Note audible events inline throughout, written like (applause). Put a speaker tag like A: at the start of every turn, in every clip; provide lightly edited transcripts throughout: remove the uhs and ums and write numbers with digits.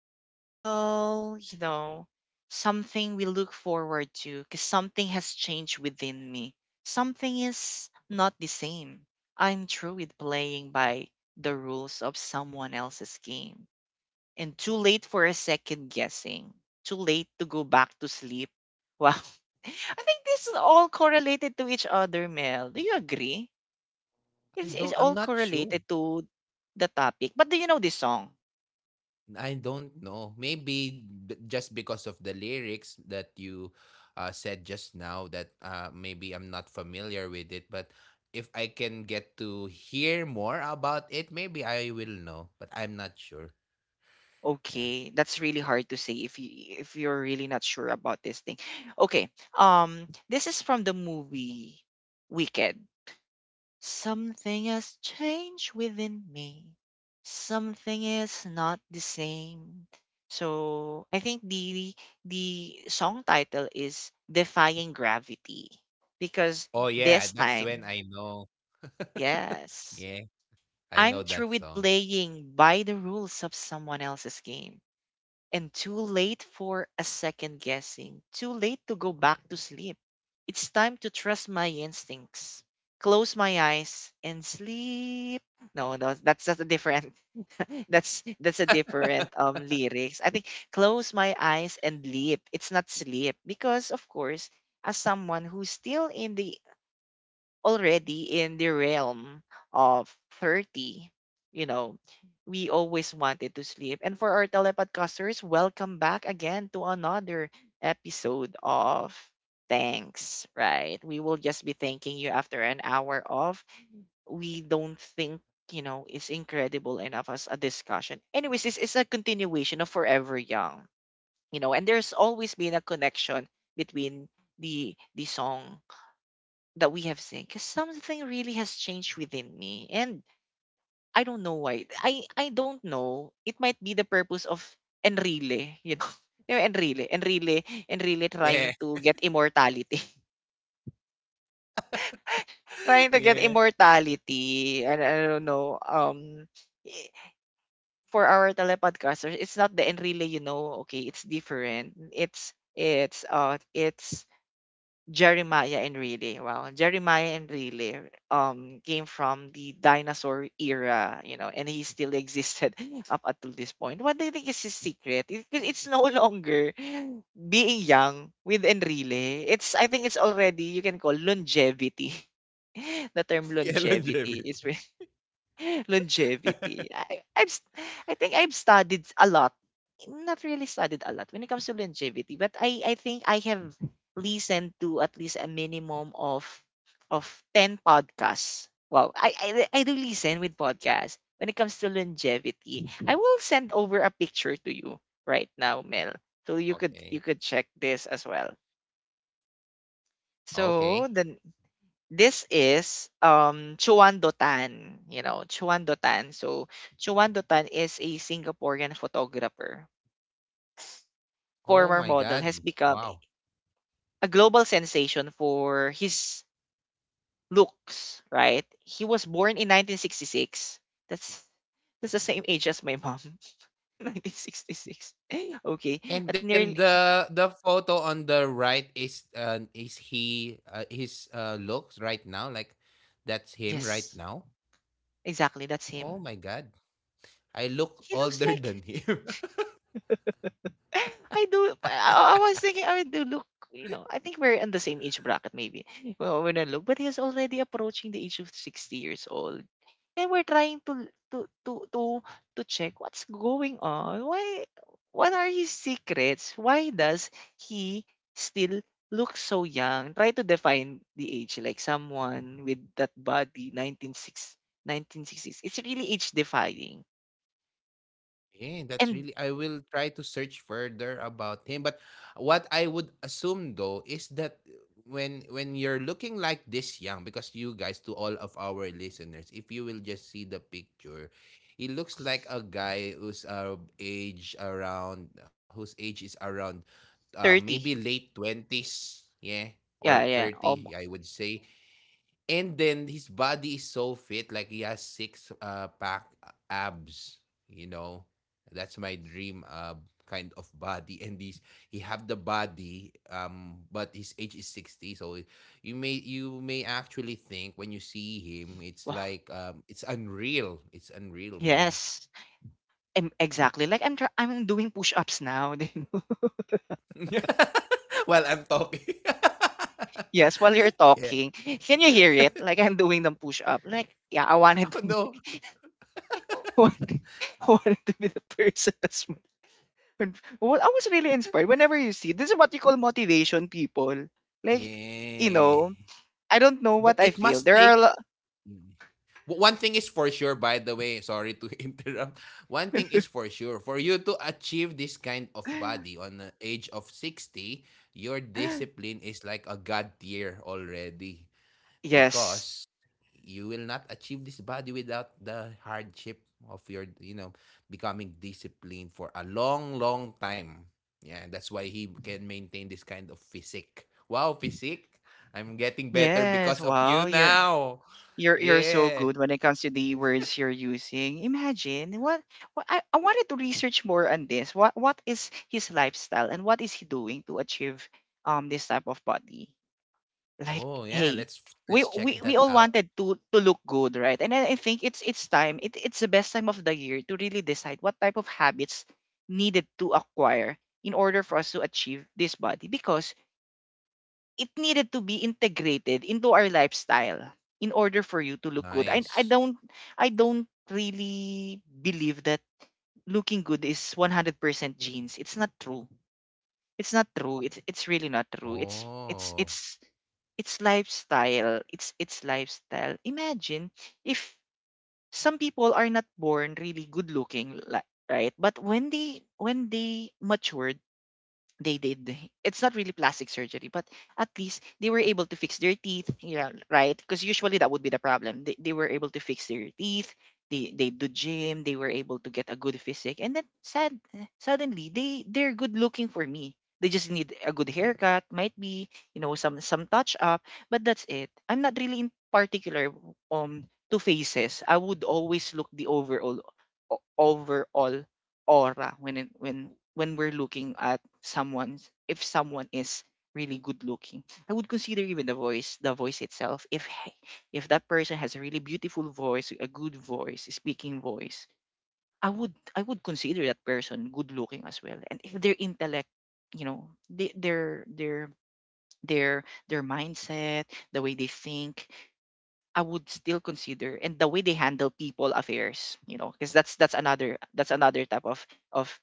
A: It's still, you know, something we look forward to because something has changed within me. Something is not the same. I'm through with playing by the rules of someone else's game. And too late for a second guessing. Too late to go back to sleep. Wow. (laughs) I think this is all correlated to each other, Mel. Do you agree? It's
B: I
A: all
B: don't I'm not
A: correlated
B: sure.
A: to the topic. But do you know this song?
B: I don't know. Maybe just because of the lyrics that you said just now that maybe I'm not familiar with it, but if I can get to hear more about it, maybe I will know, but I'm not sure. Yeah.
A: Okay, that's really hard to say if you're really not sure about this thing. Okay, this is from the movie Wicked. Something has changed within me. Something is not the same. So I think the song title is Defying Gravity because
B: Oh
A: this
B: yeah, that's
A: time,
B: when I know.
A: yes,
B: (laughs) Yeah,
A: I'm
B: I know
A: through
B: that
A: with
B: song.
A: playing by the rules of someone else's game and too late for a second guessing, too late to go back to sleep. It's time to trust my instincts. Close my eyes and sleep. No, no, that's a different. (laughs) That's a different lyrics. I think close my eyes and sleep. It's not sleep because of course, as someone who's still in the already in the realm of 30, you know, we always wanted to sleep. And for our telepodcasters, welcome back again to another episode of Thanks, right? We will just be thanking you after an hour of we don't think you know is incredible enough as a discussion. Anyways, this is a continuation of Forever Young. You know, and there's always been a connection between the song that we have seen because something really has changed within me and I don't know why I don't know. It might be the purpose of Enrile, you know. (laughs) You know, enrile
B: Yeah.
A: trying to get immortality. (laughs)
B: (laughs)
A: Trying to get
B: Yeah.
A: immortality and I don't know. I- for our telepodcasters, it's not the Enrile, you know. Okay, it's different. It's Jeremiah and Riley. Wow, Jeremiah and Riley came from the dinosaur era, you know, and he still existed (laughs) up until this point. What do you think is his secret? It's no (laughs) longer being young with Enrile. It's I think it's already you can call longevity. (laughs) The term
B: Yeah,
A: longevity is
B: longevity.
A: (laughs) longevity.
B: (laughs)
A: I think I've studied a lot. Not really studied a lot when it comes to longevity, but I think I have listened to at least a minimum of of 10 podcasts. Wow, I do listen with podcasts. When it comes to longevity, I will send over a picture to you right now, Mel. So you could you
B: Okay.
A: could check this as well. So
B: Okay.
A: then this is Chuandotan, you know, Chuandotan. So Chuan Chuandotan is a Singaporean photographer, former
B: Oh my
A: model, has
B: god.
A: become
B: Wow.
A: a global sensation for his looks, right? He was born in 1966. That's that's the same age as my mom. (laughs) 1966. (laughs) Okay. At
B: And then
A: nearly
B: the photo on the right is he his looks right now, like that's him right
A: yes,
B: now?
A: exactly, that's
B: Oh
A: him.
B: my god. I look (laughs)
A: He looks
B: older
A: like
B: than him.
A: (laughs) I
B: (laughs)
A: do. But I was thinking I would do look. You know, I think we're in the same age bracket, maybe. Well, when I look, but he's already approaching the age of 60 years old, and we're trying to check what's going on. Why? What are his secrets? Why does he still look so young? Try to define the age, like someone with that body, nineteen sixties. It's really age defying.
B: Yeah, that's
A: And
B: really. I will try to search further about him. But what I would assume though is that when you're looking like this young, because you guys, to all of our listeners, if you will just see the picture, he looks like a guy who's age around whose age is around, maybe
A: 30.
B: late 20s, yeah, or
A: Yeah, yeah.
B: 30,
A: Almost.
B: I would say. And then his body is so fit, like he has six pack abs. You know, that's my dream kind of body. And he have the body, but his age is 60. So you may actually think when you see him, it's
A: (laughs)
B: like it's unreal. It's unreal, man.
A: Yes, exactly. Like I'm doing push-ups now. (laughs) Do you know?
B: (laughs) While I'm talking,
A: Yes, while you're
B: (laughs) yeah.
A: talking. Can you hear it? Like I'm doing the push-up. Like, yeah, I wanted
B: Oh
A: to be,
B: no,
A: (laughs) I wanted, I wanted to be the person (laughs) as well. And- Well, I was really inspired. Whenever you see, this is what you call motivation, people. Like, you
B: yeah.
A: know, I don't know
B: But
A: what
B: it
A: I feel.
B: must
A: There are a
B: take.
A: lot.
B: One thing is for sure, by the way, sorry to (laughs) interrupt. One thing is for sure, for you to achieve this kind of
A: (gasps)
B: body on the age of 60, your
A: (laughs)
B: discipline is like a god tier already,
A: Yes.
B: because you will not achieve this body without the hardship of your, you know, becoming disciplined for a long, long time. Yeah, that's why he can maintain this kind of physique. Wow, physique. I'm getting better
A: Yes.
B: because of you
A: Wow. You're
B: now.
A: You're you're so
B: Yeah.
A: good when it comes to the words you're using. Imagine what I wanted to research more on this. What is his lifestyle and what is he doing to achieve this type of body? Like
B: Oh, yeah,
A: hey,
B: let's check
A: we
B: that
A: all
B: out.
A: wanted to look good, right? And I think it's time. It's the best time of the year to really decide what type of habits needed to acquire in order for us to achieve this body because it needed to be integrated into our lifestyle in order for you to look good.
B: Nice.
A: I don't really believe that looking good is 100% genes. It's not true. It's not true. It's really not true.
B: Oh.
A: It's lifestyle. It's lifestyle. Imagine if some people are not born really good looking, right? But when they matured, they did. It's not really plastic surgery, but at least they were able to fix their teeth, yeah, right? Because usually that would be the problem. They were able to fix their teeth. They do gym. They were able to get a good physique, and then sad suddenly they're good looking. For me, they just need a good haircut, might be, you know, some touch up. But that's it. I'm not really in particular, to faces. I would always look the overall overall aura. When we're looking at someone, if someone is really good looking, I would consider even the voice, the voice itself. If that person has a really beautiful voice, a good voice, a speaking voice, I would consider that person good looking as well. And if their intellect, you know, they, their their mindset, the way they think, I would still consider. And the way they handle people affairs, you know, because that's another type of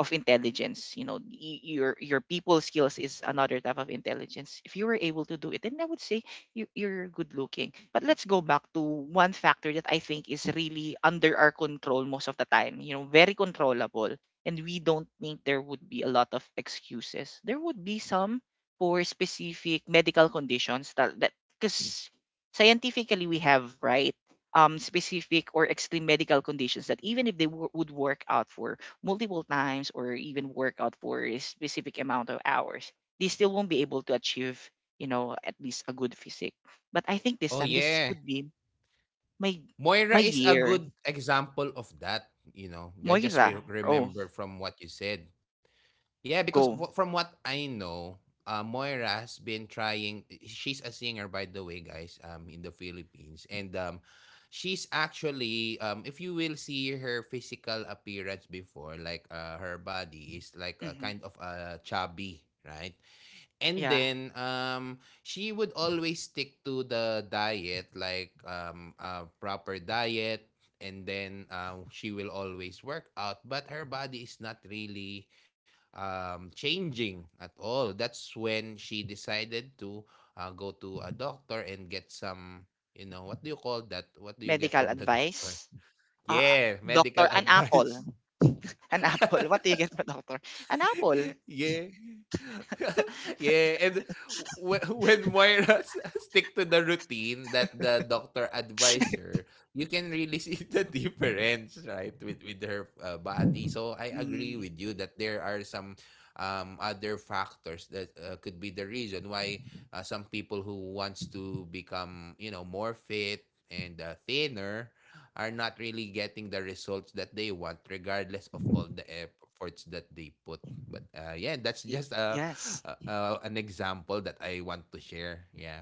A: of intelligence, you know. Your people skills is another type of intelligence. If you were able to do it, then I would say you, you're good looking. But let's go back to one factor that I think is really under our control most of the time, you know, very controllable. And we don't think there would be a lot of excuses. There would be some for specific medical conditions that that because scientifically we have, right, specific or extreme medical conditions that even if they would work out for multiple times or even work out for a specific amount of hours, they still won't be able to achieve, you know, at least a good physique. But I think this
B: Oh
A: time this
B: yeah.
A: would be my
B: Moira
A: my
B: is a
A: year.
B: good example of that, you know. I just
A: Moira, oh,
B: remember from what you said. Yeah, because
A: go.
B: from what I know, Moira has been trying eh, she's a singer by the way, guys, in the Philippines, and she's actually, if you will see her physical appearance before, like her body is like a
A: Hmm.
B: kind of a chubby, right? And
A: Yeah,
B: then she would always stick to the diet, like a proper diet, and then she will always work out, but her body is not really changing at all. That's when she decided to go to a doctor and get some, you know, what do you call that? What do you get
A: medical
B: from the (laughs) doctor?
A: advice. Uh,
B: Yeah,
A: doctor,
B: medical (laughs)
A: an apple.
B: advice.
A: An (laughs) apple. What do
B: (laughs)
A: you get for doctor? An apple.
B: (laughs) Yeah. (laughs) Yeah, and (laughs) when Moira (laughs) stick to the routine that the doctor advised her, you can really see (laughs) the difference, right, with her body. So I agree
A: Mm,
B: with you that there are some other factors that could be the reason why some people who wants to become, you know, more fit and thinner are not really getting the results that they want regardless of all the efforts that they put. But yeah, that's
A: y-
B: just
A: yes.
B: an example that I want to share. Yeah.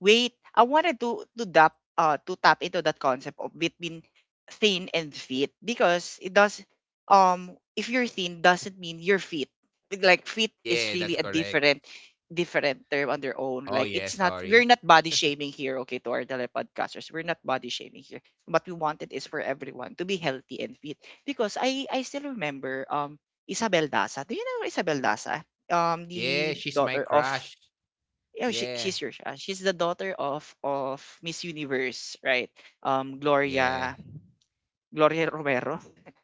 A: Wait, I wanted to tap into that concept of between thin and fit, because it does, if you're thin doesn't mean you're fit. Like fit is
B: Yeah, that's
A: really a
B: correct.
A: different term on their own.
B: Oh,
A: Like
B: yeah,
A: it's not,
B: sorry.
A: we're not body shaming here, okay, to our telepodcasters. We're not body shaming here. What we wanted is for everyone to be healthy and fit. Because I still remember Isabel Daza. Do you know Isabel Daza? Um,
B: Yeah,
A: the
B: she's my
A: daughter of,
B: crush.
A: you know,
B: Yeah.
A: she's your she's the daughter of Miss Universe, right? Um,
B: Yeah.
A: Gloria
B: (laughs)
A: Gloria Romero.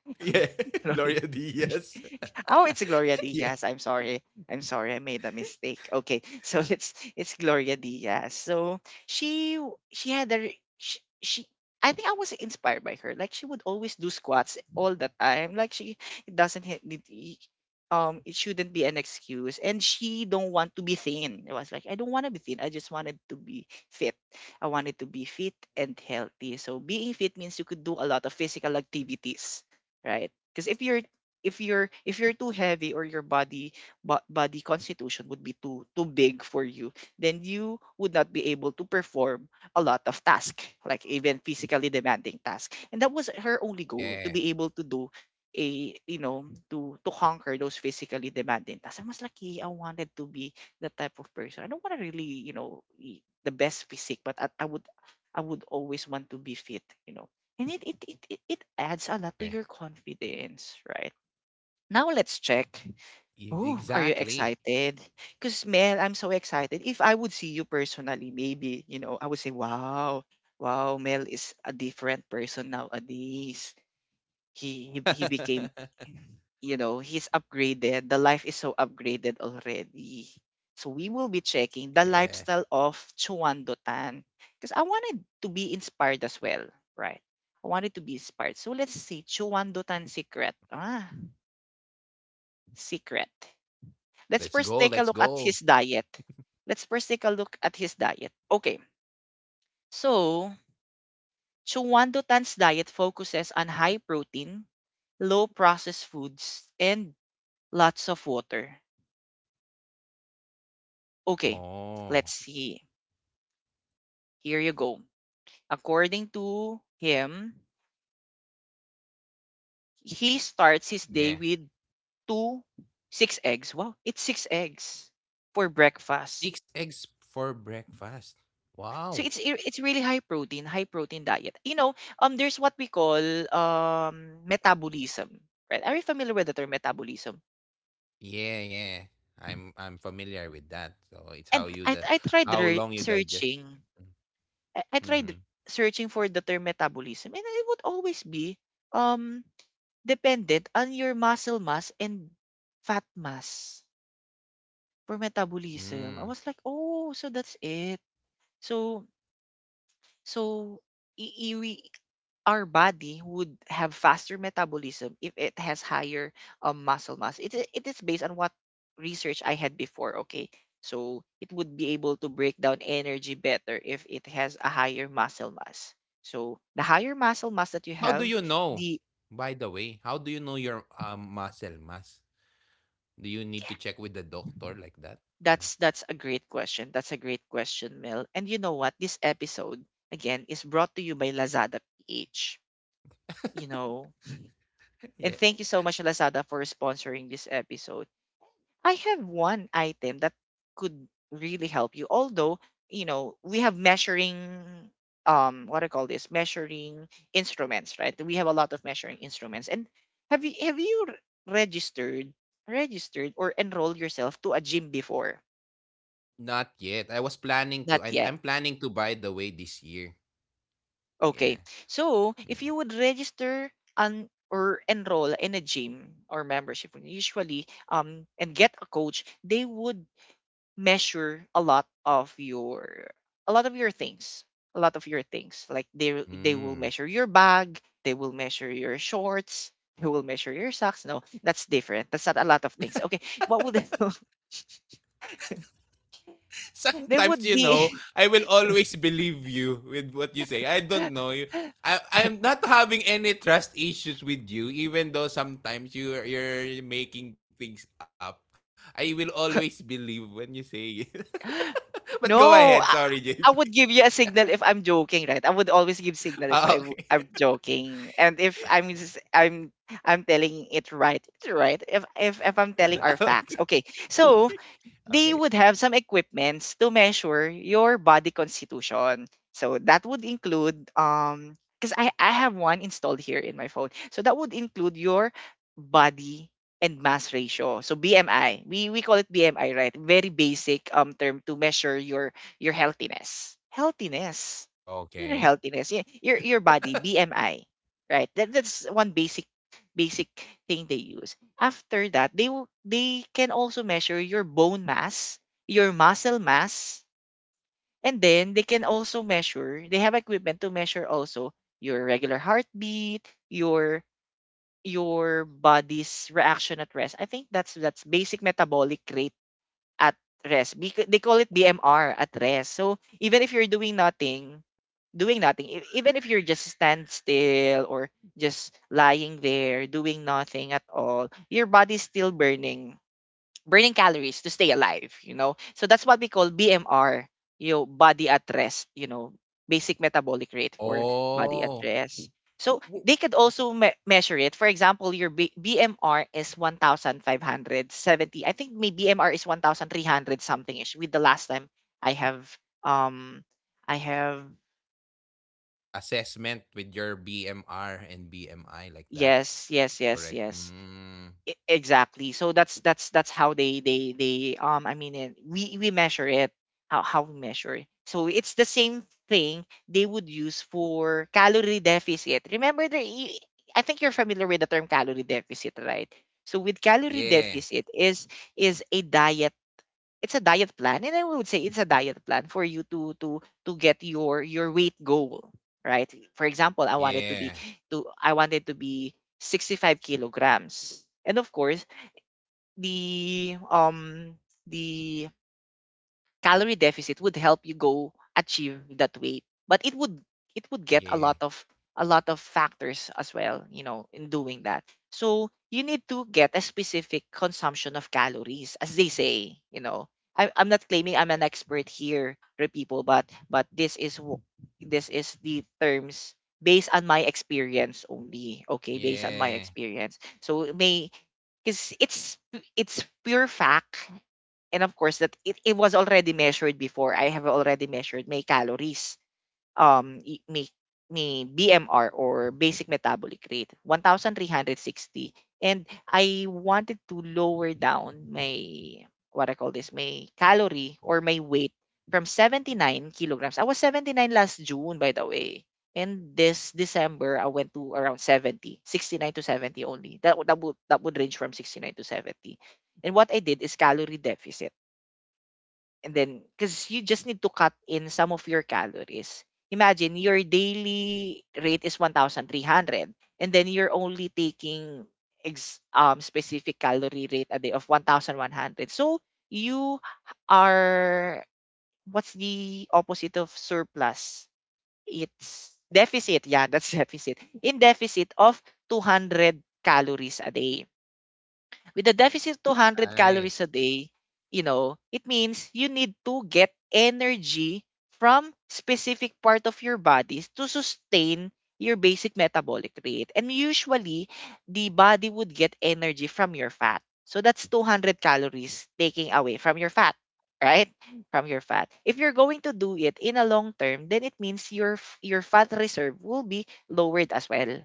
A: (laughs)
B: Yeah.
A: Gloria.
B: Gloria Diaz.
A: Oh, it's Gloria
B: (laughs) Yeah.
A: Diaz. I'm sorry. I'm sorry. I made a mistake. Okay, (laughs) so it's Gloria Diaz. So she w- she had a re- she, I think I was inspired by her. Like she would always do squats all the time. Like she, it doesn't hit, it- it shouldn't be an excuse. And she don't want to be thin. It was like, I don't want to be thin. I just wanted to be fit. I wanted to be fit and healthy. So being fit means you could do a lot of physical activities, right? Because if you're too heavy or your body body constitution would be too big for you, then you would not be able to perform a lot of tasks, like even physically demanding tasks. And that was her only goal, to
B: Yeah.
A: be able to do a you know to conquer those physically demanding tasks. I was lucky. I wanted to be that type of person. I don't want to really, you know, be the best physique. But I would I would always want to be fit, you know. And it
B: Oh,
A: adds a
B: yeah.
A: lot to your confidence, right? Now let's check. Oh,
B: Exactly.
A: are you excited? Because Mel, I'm so excited. If I would see you personally, maybe, you know, I would say, wow, wow, Mel is a different person nowadays. He
B: (laughs)
A: became, he's upgraded. The life is so upgraded already. So we will be checking the
B: Yeah.
A: lifestyle of Chuando Tan. Because I wanted to be inspired as well, right? I wanted to be inspired. So let's see, Chuando Tan secret. Secret.
B: Let's
A: Let's
B: go.
A: first
B: Let's
A: take a look at
B: go.
A: his diet. Let's first take a look at his diet. Okay. So, Chungwando Tan's diet focuses on high protein, low processed foods, and lots of water. Okay.
B: Oh,
A: Let's see. Here you go. According to him, he starts his
B: yeah.
A: day with two, six eggs. Wow. It's six eggs for breakfast.
B: Six eggs for breakfast.
A: So
B: Wow.
A: it's really high protein diet. You know, there's what we call metabolism, right? Are you familiar with the term metabolism?
B: Yeah, yeah. I'm familiar with that. So it's how
A: And
B: you the
A: I
B: how
A: tried
B: long you digest.
A: searching, I tried
B: Mm-hmm.
A: searching for the term metabolism, and it would always be um dependent on your muscle mass and fat mass for metabolism. I
B: Mm.
A: was like, oh, so that's it. So so I- we Our body would have faster metabolism if it has higher muscle mass. It is based on what research I had before, okay? So it would be able to break down energy better if it has a higher muscle mass. So the higher muscle mass that you
B: How do
A: have.
B: you know?
A: the
B: By the way, how do you know your muscle mass? Do you need to check with the doctor like that? Or...
A: that's that's a great question. That's a great question, Mel. And you know what? This episode again is brought to you by Lazada PH. You know,
B: (laughs)
A: and
B: yeah.
A: thank you so much, Lazada, for sponsoring this episode. I have one item that could really help you. Although, you know, we have measuring what I call this measuring instruments, right? We have a lot of measuring instruments. And have you have you r- registered registered or enrolled yourself to a gym before?
B: Not yet. I was planning to,
A: Not
B: and
A: yet.
B: I'm planning to, by the way, this year.
A: Okay.
B: Yeah.
A: So, if
B: Mm.
A: you would register an or enroll in a gym or membership usually and get a coach, they would measure a lot of your things a lot of your things, like they will
B: Mm.
A: measure your bag, they will measure your shorts, they will measure your socks. No, that's different. That's not a lot of things. Okay, what would they do? (laughs) They
B: Sometimes,
A: would
B: you know,
A: be.
B: I will always believe you with what you say. I don't
A: (laughs)
B: know you. I'm not having any trust issues with you, even though sometimes you're making things up. I will always believe when you say it. (laughs) But go ahead, sorry,
A: No, I,
B: JP.
A: I would give you a signal if I'm joking, right? I would always give signal
B: Ah,
A: if
B: okay.
A: I'm joking. And if I'm s- I'm telling it right, it's right if I'm
B: (laughs)
A: telling our
B: Okay.
A: facts, okay? So
B: Okay.
A: they would have some equipments to measure your body constitution. So that would include because I have one installed here in my phone. So that would include your body and mass ratio. So BMI. We call it BMI, right? Very basic term to measure your healthiness. Healthiness. Your
B: Okay.
A: healthiness. Your body, BMI. Right? That's one basic thing they use. After that, they can also measure your bone mass, your muscle mass, and then they can also measure. They have equipment to measure also your regular heartbeat, your body's reaction at rest. I think that's basic metabolic rate at rest. Because they call it BMR at rest. So even if you're doing nothing, even if you're just stand still or just lying there doing nothing at all, your body's still burning calories to stay alive. So that's what we call BMR, your body at rest, basic metabolic rate for body at
B: Oh.
A: rest. So they
B: Wo-
A: could also
B: wo-
A: measure it. For example, your BMR is 1570. I think my BMR is 1300 something ish with the last time I have um I have
B: Assessment with your BMR and BMI, like that.
A: yes, yes, yes,
B: Correct.
A: yes.
B: Mm.
A: Exactly, so that's how they I mean it, we measure it, how we measure it. So it's the same thing they would use for calorie deficit. Remember there, I think you're familiar with the term calorie deficit, right? So with calorie
B: Yeah.
A: deficit is a diet. It's a diet plan and I would say it's a diet plan for you to get your weight goal, right? For example, I wanted to be
B: Yeah.
A: to i wanted to be 65 kilograms. And of course, the um the calorie deficit would help you go achieve that weight. But it would get a lot
B: Yeah.
A: of factors as well, in doing that. So you need to get a specific consumption of calories, as they say, I'm not claiming I'm an
B: Yeah.
A: expert here, re people, but this is the terms based on my experience only, okay? Based on my
B: Yeah.
A: experience. So it may, because it's pure fact. And of course that it was already measured before. I have already measured my calories, um y- my, my BMR, or basic metabolic rate, 1360. And I wanted to lower down my, what I call this, my calorie or my weight, from 79 kilograms. I was 79 last June, by the way. And this December, I went to around 70, 69 to 70 only. That would range from 69 to 70. And what I did is calorie deficit. And then, because you just need to cut in some of your calories. Imagine your daily rate is 1,300, and then you're only taking specific calorie rate a day of 1,100. So you are, what's the opposite of surplus? It's deficit. Yeah, that's (laughs) deficit. In deficit of 200 calories a day. With a deficit 200 calories a
B: Nice.
A: day, it means you need to get energy from specific part of your bodies to sustain your basic metabolic rate. And usually, the body would get energy from your fat. So that's 200 calories taking away from your fat, right? From your fat. If you're going to do it in a long term, then it means your fat reserve will be lowered as well.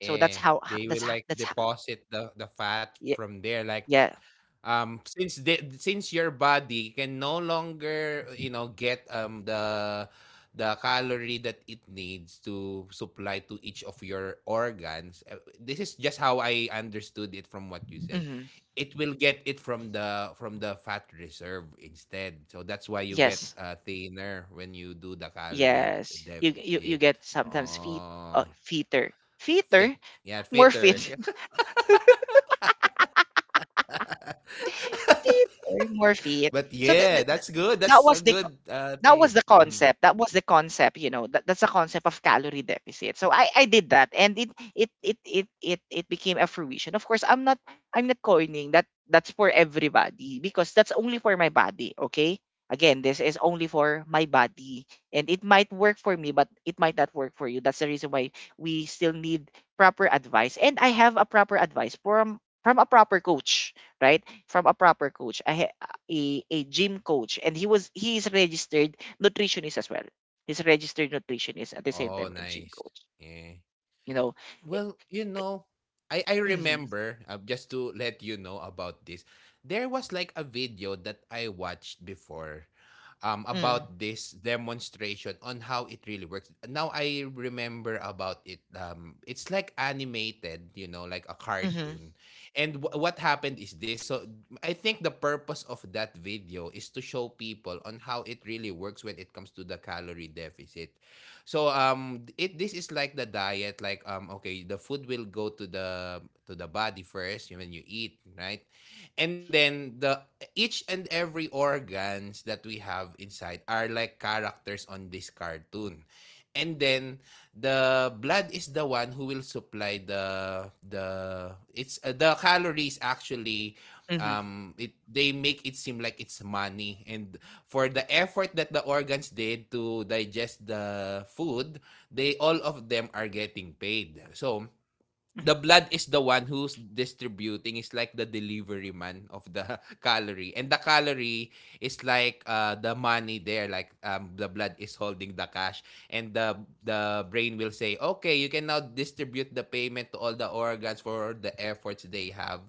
A: So that's how ho-
B: Yeah,
A: that's ho-
B: they
A: that's
B: will
A: ho-
B: like deposit the
A: yeah,
B: fat from there.
A: yeah.
B: Like, since the since your body can no longer, you know, get the calorie that it needs to supply to each of your organs. This is just how I understood it from what you said.
A: Mhm.
B: It will get it from the fat reserve instead. So that's why you get
A: Yes,
B: thinner when you do the calorie
A: yes. You
B: deficit.
A: get sometimes feet,
B: Oh.
A: feeter, feeter,
B: Fit. Yeah,
A: more
B: fitter.
A: feet, (laughs)
B: (laughs)
A: feeter, more feet.
B: But
A: So
B: yeah, that's good. That's
A: that
B: a
A: was the
B: good
A: that
B: thing.
A: was the
B: Mhm.
A: concept. That was the concept. That's the concept of calorie deficit. So I did that and it became a fruition. Of course, I'm not coining that that's for everybody, because that's only for my body, okay? Again, this is only for my body, and it might work for me but it might not work for you. That's the reason why we still need proper advice, and I have a proper advice from a proper coach, right? From a proper coach. A gym coach, and he is registered nutritionist as well. He's a registered nutritionist at the same
B: Oh,
A: time and gym
B: nice.
A: coach.
B: Yeah.
A: you know Eh,
B: Well, you know, I
A: mm-hmm,
B: remember, just to let you know about this. There was like a video that I watched before about this demonstration on how it really works. Now I remember about it. It's like animated, you know, like a
A: mm-hmm,
B: cartoon. And what happened is this. So I think the purpose of that video is to show people on how it really works when it comes to the calorie deficit. So it this is like the diet, like okay, the food will go to the body first when you eat, right? And then the each and every organs that we have inside are like characters on this cartoon. And then the blood is the one who will supply the it's the calories, actually.
A: mm-hmm,
B: It they make it seem like it's money, and for the effort that the organs did to digest the food, they all of them are getting paid. So
A: mm-hmm,
B: the blood is the one who's distributing, it's like the delivery man of the (laughs) calorie, and the calorie is like the money there, like the blood is holding the cash. And the brain will say, okay, you can now distribute the payment to all the organs for the efforts they have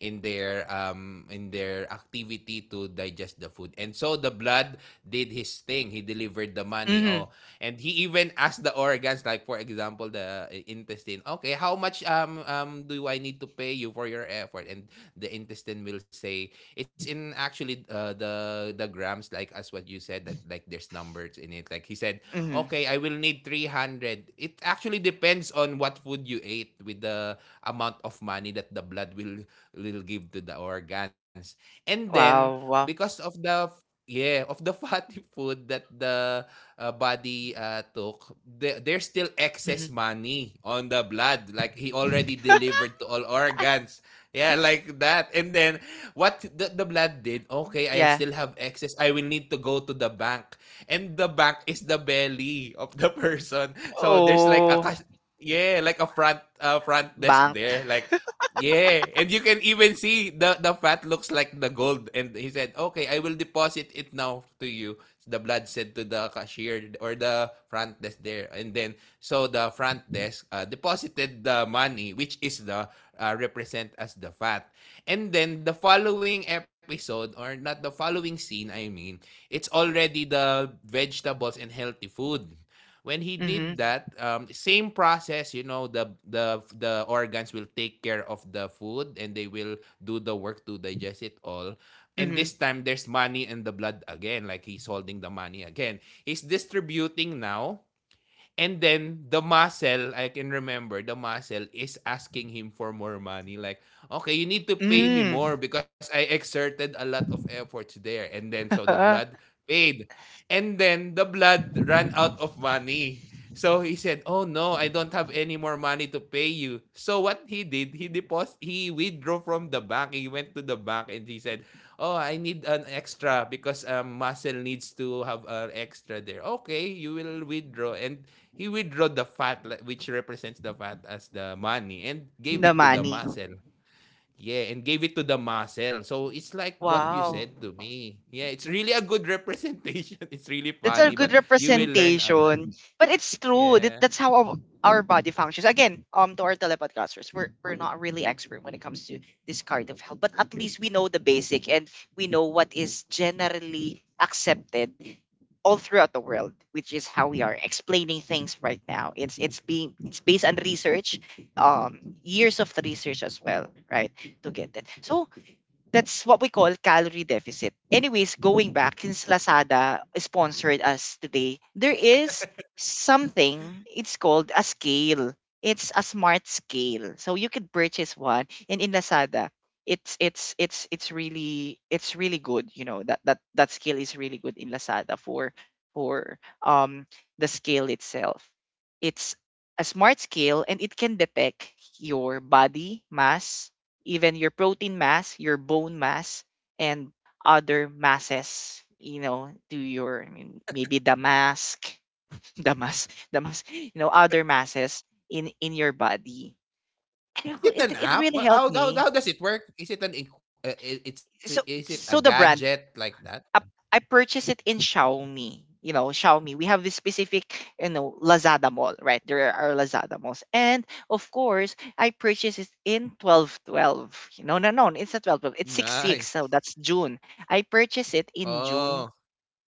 B: in their activity to digest the food. And so the blood did his thing. He delivered the money.
A: mm-hmm,
B: Oh, and he even asked the organs, like, for example, the intestine, "Okay, how much do I need to pay you for your effort?" And the intestine will say, it's in actually the grams, like as what you said, that like there's numbers in it." Like he said,
A: mm-hmm.
B: okay, I will need 300. It actually depends on what food you ate, with the amount of money that the blood will give to the organs. And then
A: Wow, wow,
B: because of the, yeah, of the (laughs) fatty food that the body took, the there's still excess
A: mm-hmm.
B: money on the blood, like he already
A: (laughs)
B: delivered to all organs, yeah, like that. And then what the blood did, okay, I
A: Yeah.
B: still have excess, I will need to go to the bank. And the bank is the belly of the (laughs) person. So there's like a
A: Oh,
B: yeah, like a front front desk
A: bank,
B: there, like Yeah, and you can even see the fat looks like the gold. And he said, "Okay, I will deposit it now to you." The blood said to the cashier or the front desk there. And then so the front desk deposited the money, which is the represent as the fat. And then the following episode, or not the following scene, I mean, it's already the vegetables and healthy food. When he
A: mm-hmm,
B: did that, same process, you know, the organs will take care of the food and they will do the work to digest it all. And
A: mm-hmm,
B: this time, there's money in the blood again, like he's holding the money again. He's distributing now. And then the muscle, I can remember, the muscle is asking him for more money. Like, okay, you need to pay me
A: mm-hmm.
B: more because I exerted a lot of efforts there. And then so the blood
A: (laughs)
B: paid. And then the blood ran out of money. So he said, "Oh no, I don't have any more money to pay you." So what he did, he deposit, he withdrew from the bank. He went to the bank and he said, "Oh, I need an extra because muscle needs to have an extra there." Okay, you will withdraw. And He withdrew the fat, which represents the fat as the money, and gave
A: The
B: it to the
A: money.
B: muscle. Yeah, and gave it to the muscle. So it's like what you
A: Wow.
B: said to me. Yeah, it's really a good representation. (laughs) It's really
A: That's a
B: funny,
A: good
B: but you will learn a lot.
A: representation. But it's true. That,
B: Yeah.
A: that's how our body functions. Again, to our telepodcasters, we're not really expert when it comes to this kind of health, but at least we know the basic, and we know what is generally accepted all throughout the world, which is how we are explaining things right now. It's based on research, years of the research as well, right, to get that. So that's what we call calorie deficit. Anyways, going back, since Lazada sponsored us today, there is something, it's called a scale. It's a smart scale. So you could purchase one. And in Lazada, it's really good. You know, that scale is really good in Lazada, for for um the scale itself. It's a smart scale, and it can detect your body mass, even your protein mass, your bone mass, and other masses, to your, I mean, maybe the mask, (laughs) the mass, other masses in your body. I know.
B: Is it
A: It,
B: an
A: it
B: app?
A: really
B: Wha-
A: helped
B: How how,
A: me.
B: how does it work? Is it an eq- I- Is it
A: So
B: a
A: so the
B: gadget
A: brand,
B: like that?
A: I purchased it in Xiaomi. You know, Xiaomi. We have this specific, Lazada mall, right? There are Lazada malls. And of course, I purchased it in 1212. No, no, no. It's not 1212. It's six six.
B: Nice.
A: So that's June. I purchased it in
B: Oh,
A: June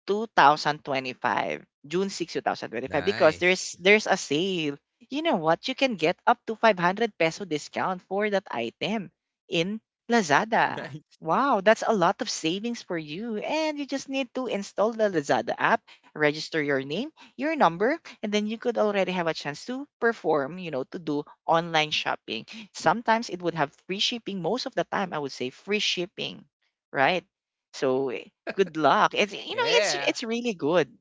A: 2025, June 6, 2025, because
B: nice.
A: there's
B: (laughs)
A: there's a sale. You know what? You can get up to 500 peso discount for that item in Lazada.
B: Nice.
A: Wow, that's a lot of savings for you. And you just need to install the Lazada app, register your name, your number, and then you could already have a chance to perform, to do online shopping. Sometimes it would have free shipping. Most of the time, I would say free shipping, right? So eh, good luck. It's you know it's
B: Yeah.
A: it's really good.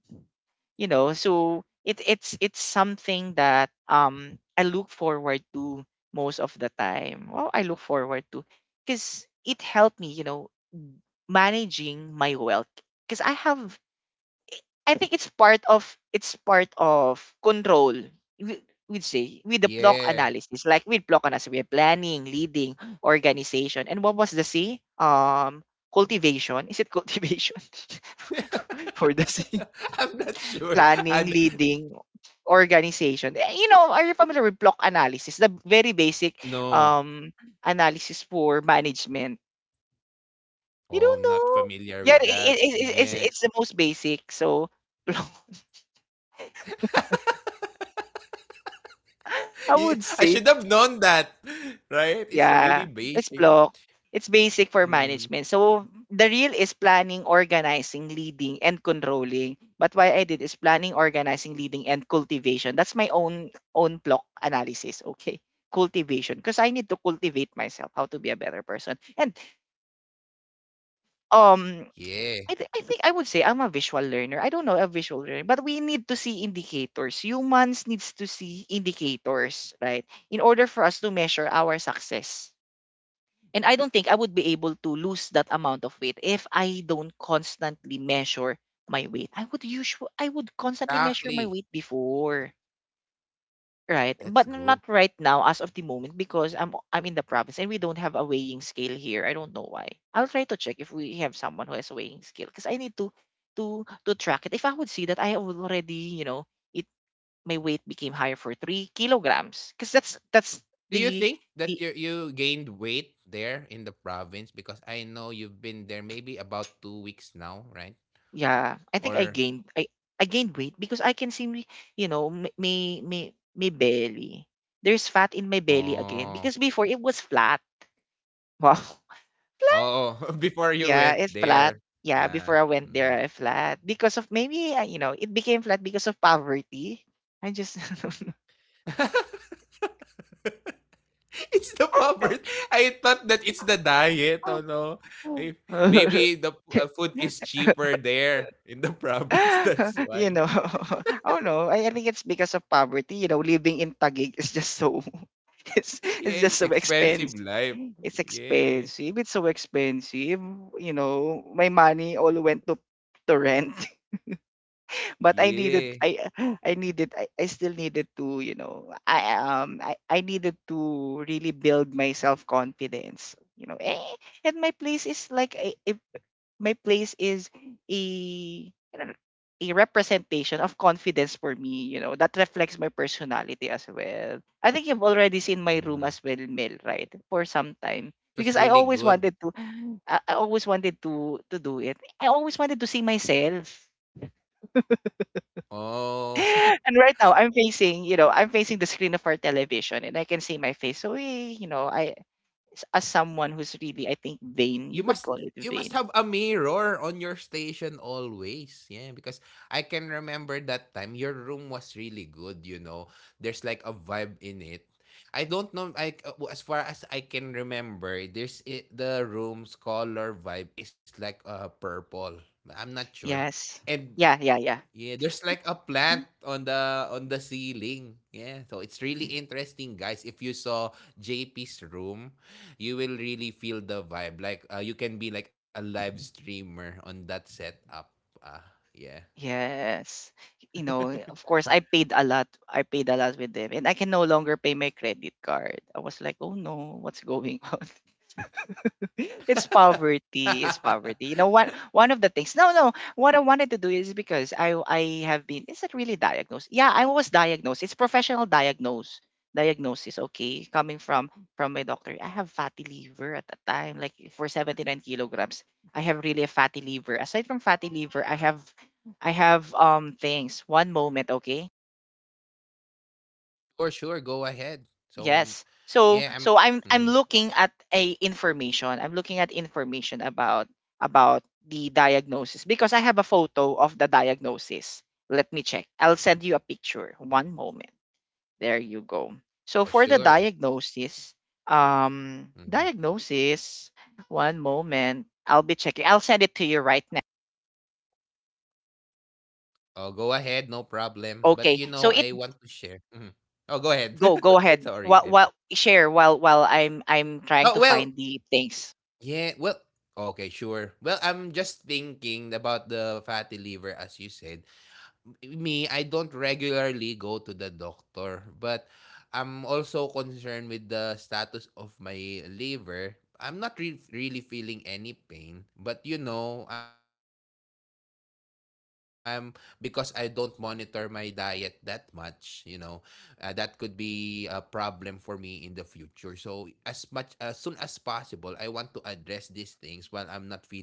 A: You know, so it's something that I look forward to most of the time. Well, I look forward to because it helped me, you know, managing my wealth. Because I have I think it's part of control. We, we'd say with the block
B: Yeah.
A: analysis, like with block analysis, we have planning, leading, organization, and what was the C? Cultivation. Is it cultivation (laughs) for the C?
B: (laughs) I'm not sure. And
A: Planning, leading, organization. You know, are you familiar with block analysis? The very basic
B: No.
A: um analysis for management. You
B: Oh, I'm
A: don't
B: not
A: know?
B: familiar with
A: Yeah,
B: that.
A: it's
B: Yeah.
A: it's it's the most basic. So (laughs) block.
B: (laughs)
A: I would
B: I
A: say
B: should have known that. (laughs) Right? It's a
A: yeah,
B: really
A: it's
B: basic.
A: block. It's basic for
B: Mm,
A: management. So the real is planning, organizing, leading, and controlling. But what I did is planning, organizing, leading, and cultivation. That's my own block analysis. Okay, cultivation because I need to cultivate myself how to be a better person. And um,
B: yeah.
A: I think I would say I'm a visual learner. I don't know a visual learner, but we need to see indicators. Humans needs to see indicators, right? In order for us to measure our success, and I don't think I would be able to lose that amount of weight if I don't constantly measure my weight. I would constantly measure
B: Exactly.
A: my weight before, right?
B: That's
A: But
B: good.
A: not right now as of the moment because I'm in the province and we don't have a weighing scale here. I don't know why. I'll try to check if we have someone who has a weighing scale because I need to to track it. If I would see that I have already, you know, it my weight became higher for 3 kilograms because that's
B: Do you
A: the
B: think that
A: the
B: you gained weight there in the province? Because I know you've been there maybe about 2 weeks now, right?
A: yeah, I think
B: Or
A: I gained weight because I can see me, you know, me belly. There's fat in my belly again because
B: oh
A: before it was flat. Wow. (laughs)
B: oh (laughs) before you went
A: Yeah, it's
B: there.
A: flat. Yeah,
B: Uh,
A: before I went
B: mhm.
A: there, I flat because of maybe you know it became flat because of poverty. I just (laughs)
B: (laughs) (laughs) It's the poverty. I thought that it's the diet. Oh no. Maybe, maybe, food is
A: (laughs)
B: cheaper there in the (laughs) province. That's
A: you know,
B: why.
A: (laughs) oh no, I think it's because of poverty. You know, living in Taguig is just so (laughs) It's
B: (laughs)
A: it's
B: Yeah,
A: just
B: it's
A: so expensive.
B: expensive life.
A: It's
B: Yeah.
A: expensive. It's so expensive. You know, my money all went to rent. (laughs) But
B: Yeah.
A: I needed I still needed to, you know, I needed to really build my self confidence. And my place is like a my place is a a representation of confidence for me, you know, that reflects my personality as well. I think you've already seen my room as
B: Mm.
A: well, Mel, right? For some time.
B: Yeah, it
A: Because I
B: was really
A: always wanted
B: good.
A: to I always wanted to do it. I always wanted to see myself.
B: Oh.
A: (laughs)
B: (laughs)
A: And right now I'm facing, you know, I'm facing the screen of our television and I can see my face. So, you know, I as someone who's really I think vain,
B: you
A: you could
B: must
A: call it
B: you must
A: vain.
B: have a mirror on your station always. Yeah, because I can remember that time your room was really good. There's like a vibe in it. I don't know I As far as I can remember, the room's color vibe is like purple. I'm not sure.
A: Yes.
B: And
A: Yeah.
B: Yeah, there's like a plant on the ceiling. Yeah, so it's really interesting, guys. If you saw JP's room, you will really feel the vibe. Like, you can be like a live streamer on that setup. Ah, yeah.
A: Yes. You know, of course, I paid a lot. I paid a lot with them, and I can no longer pay my credit card. I was like, oh no, what's going (laughs) on? (laughs) It's poverty. It's
B: (laughs)
A: poverty. You know, one of the things. No, no. What I wanted to do is because I have been. Is it really diagnosed? Yeah, I was diagnosed. It's professional diagnose diagnosis. Okay, coming from my doctor. I have fatty liver at the time. Like for 79 kilograms, I have really a fatty liver. Aside from fatty liver, I have things. One moment, okay.
B: Or Sure, go ahead. So,
A: Yes.
B: yeah,
A: So
B: I'm.
A: so
B: Mhm.
A: I'm looking at a information. I'm looking at information about the diagnosis because I have a photo of the diagnosis. Let me check. I'll send you a picture. One moment. There you go. So
B: Oh,
A: for the
B: sure.
A: diagnosis,
B: Hmm.
A: diagnosis, one moment. I'll be checking. I'll send it to you right now.
B: Oh, go ahead, no problem. But
A: Okay. So
B: I
A: it
B: want to share. Mhm. Oh, go ahead.
A: go
B: (laughs)
A: ahead.
B: Sorry.
A: While share while I'm trying
B: Oh
A: to
B: well.
A: find the things.
B: Yeah, well, okay, sure. Well, I'm just thinking about the fatty liver as you said. Me, I don't regularly go to the doctor, but I'm also concerned with the status of my liver. I'm not really feeling any pain, but you know, I'm because I don't monitor my diet that much, that could be a problem for me in the future. So, as soon as possible, I want to address these things while I'm not feeling anything at all.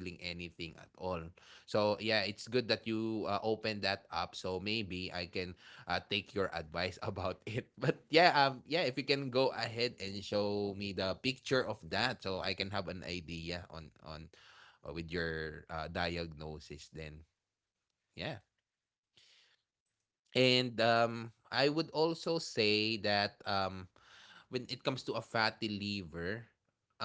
B: So yeah, it's good that you opened that up. So maybe I can take your advice (laughs) about it. But yeah, yeah, if you can go ahead and show me the picture of that, so I can have an idea on with your diagnosis. Then yeah, and I would also say that when it comes to a fatty liver,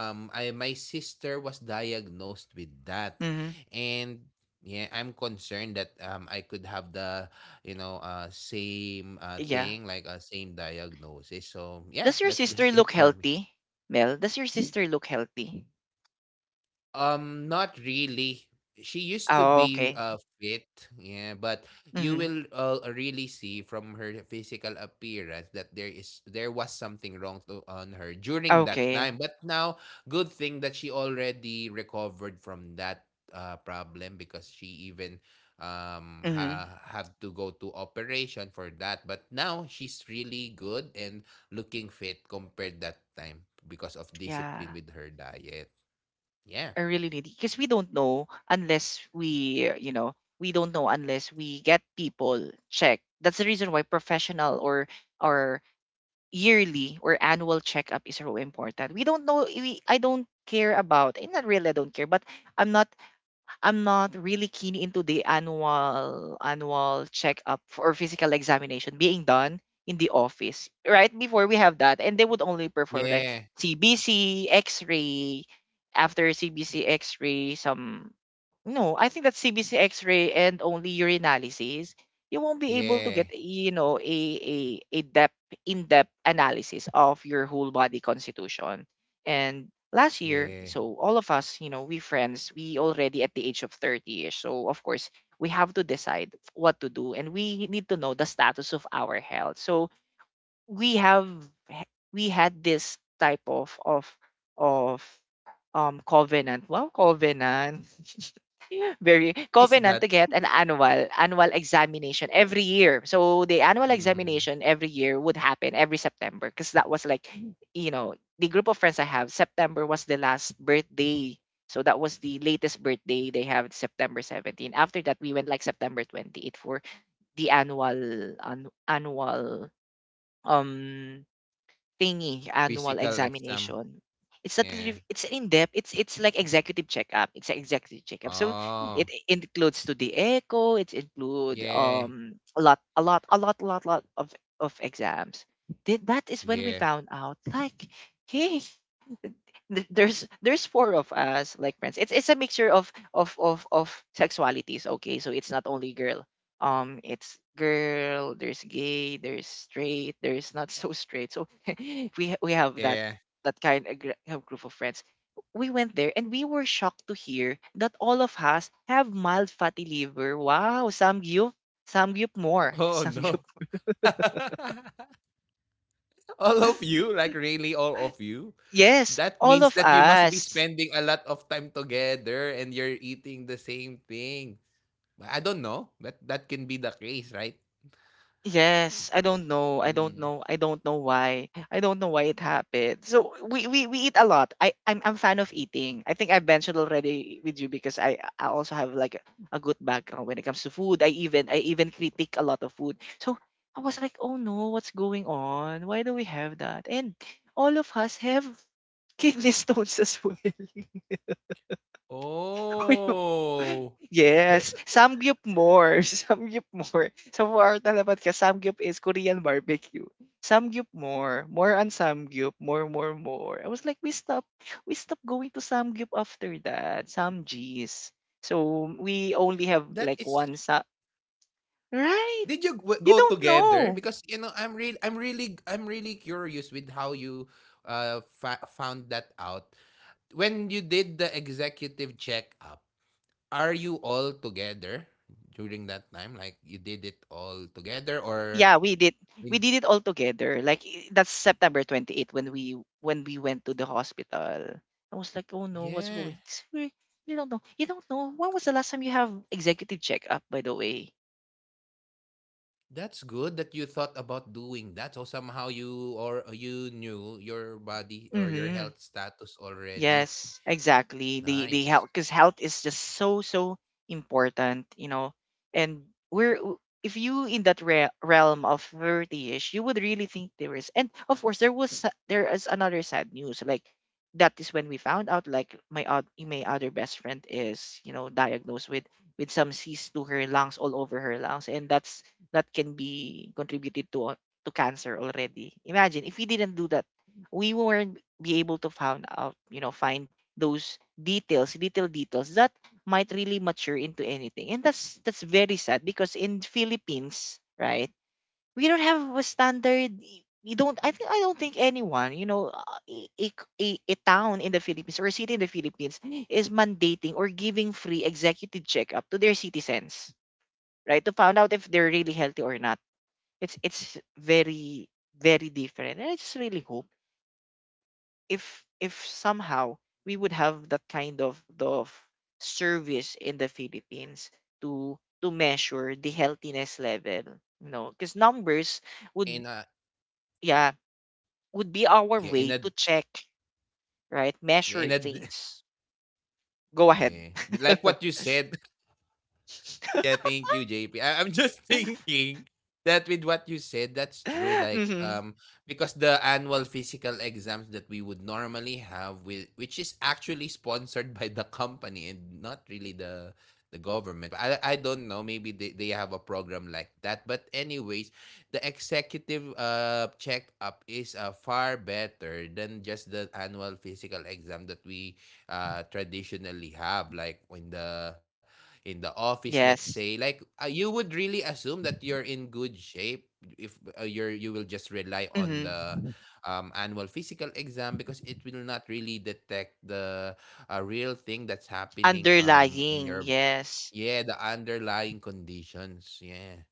B: my sister was diagnosed with that.
A: Mhm.
B: And yeah, I'm concerned that I could have the, same
A: Yeah.
B: thing, like a same diagnosis. So
A: Does
B: yeah,
A: your
B: that's (laughs)
A: sister
B: just
A: look
B: it for me.
A: healthy? Mel, does your sister look healthy?
B: Not really. She used to
A: Oh,
B: be
A: okay.
B: fit, yeah, but you
A: Mm-hmm.
B: will really see from her physical appearance that there was something wrong on her during that
A: Okay.
B: time. But now, good thing that she already recovered from that problem because she even
A: Mm-hmm.
B: had to go to operation for that. But now she's really good and looking fit compared that time because of
A: Yeah.
B: discipline with her diet.
A: I
B: Yeah.
A: really need because we don't know unless we, you know, we don't know unless we get people checked. That's the reason why professional or yearly or annual checkup is so important. We don't know. We I don't care about. Not really. I don't care. But I'm not I'm not really keen into the annual checkup or physical examination being done in the office. Right before we have that, and they would only perform like
B: Yeah,
A: CBC, X-ray, after CBC, X-ray, some no, I think that CBC X-ray and only urinalysis, you won't be able to get
B: yeah,
A: you know a depth in depth analysis of your whole body constitution. And last year,
B: yeah.
A: so all of us, you know, we friends, we already at the age of 30-ish. So of course, we have to decide what to do and we need to know the status of our health. So we have we had this type of of covenant. Wow, covenant. Very
B: What is
A: covenant
B: that?
A: to get an annual examination every year. So the annual
B: Mhm.
A: examination every year would happen every September because that was like, you know, the group of friends I have. September was the last birthday, so that was the latest birthday they have September 17. After that, we went like September 28 for the annual um thingy annual
B: Physical exam.
A: examination. It's not
B: Yeah.
A: really, it's in depth. It's like executive checkup. It's an executive checkup. So
B: Oh,
A: it includes to the echo. It include
B: yeah,
A: a lot a lot a lot a lot lot of exams. That is when we
B: yeah,
A: found out like hey there's four of us like friends, it's a mixture of sexualities. Okay, so it's not only girl, it's girl, there's gay, there's straight, there's not (laughs) so straight, so (laughs) we have that
B: yeah.
A: that kind of group of friends. We went there and we were shocked to hear that all of us have mild fatty liver. Wow, samgyup, samgyup more. (laughs)
B: Oh no.
A: Samgyup,
B: (laughs) All of you, like really all of you.
A: yes,
B: That
A: all
B: means
A: of
B: that you must be
A: us.
B: spending a lot of time together and you're eating the same thing. But I don't know, but that can be the case, right?
A: Yes, I don't know. I don't
B: Mm.
A: know. I don't know why it happened. So we eat a lot. I'm fan of eating. I think I mentioned already with you because I also have like a good background when it comes to food. I even critique a lot of food. So I was like, "Oh no, what's going on? Why do we have that?" And all of us have kidney stones as well. (laughs)
B: Oh,
A: Yes, samgyup more, (laughs) samgyup more. So for our talabat ka, samgyup is Korean barbecue. Samgyup more, more on samgyup, more, more, more. I was like, we stopped going to samgyup after that, Samjis. So we only
B: that
A: have
B: is
A: like one sa.
B: did you
A: Right?
B: go
A: You don't
B: together? Because
A: know.
B: you know, I'm really curious with how you found that out. When you did the executive checkup, are you all together during that time? Like you did it all together,
A: Yeah,
B: or
A: we did, we did
B: in
A: it all together like that's September 28th when we went to the hospital. I was like oh no what's going.
B: yeah,
A: It's very- you don't know, you don't know when
B: c-
A: was the last time you have executive checkup by the way.
B: that's good that you thought about doing that. So somehow you knew your body or your
A: Mm-hmm.
B: health status already.
A: Yes, exactly. The
B: Nice.
A: health because health is just so so important, you know. And we're if you in that realm of 30ish, you would really think there is. And of course, there was there is another sad news. Like that is when we found out like my my other best friend is, you know, diagnosed with some cysts to her lungs all over her lungs, and that's that can be contributed to cancer already. Imagine if we didn't do that, we weren't be able to find out, you know, find those details, little details that might really mature into anything. And that's very sad because in Philippines, right, we don't have a standard. We don't. I don't think anyone, you know, a, a, a town in the Philippines or a city in the Philippines is mandating or giving free executive checkup to their citizens, right, to find out if they're really healthy or not. It's very very different, and I just really hope if somehow we would have that kind of service in the Philippines to measure the healthiness level, you know, because numbers would
B: In a
A: yeah would be our
B: yeah,
A: way
B: in a
A: to check right
B: yeah,
A: measure
B: in a
A: things. Go ahead.
B: Yeah. Like
A: (laughs)
B: what you said, yeah, thank you, JP. I am just (laughs) thinking that with what you said, that's true. Like,
A: hmm
B: because the annual physical exams that we would normally have, which is actually sponsored (laughs) by the company and not really the government. I don't know. Maybe they have a program like that. But anyways, the executive checkup is far better than just the annual physical exam that we traditionally have. Like when the in the office, let's say
A: Yes.
B: like you would really assume that you're in good shape if you will just rely on the
A: hmm
B: annual physical exam because it will not really detect the real thing that's happening in
A: Underlying,
B: your
A: yes.
B: yeah, the underlying conditions, yeah.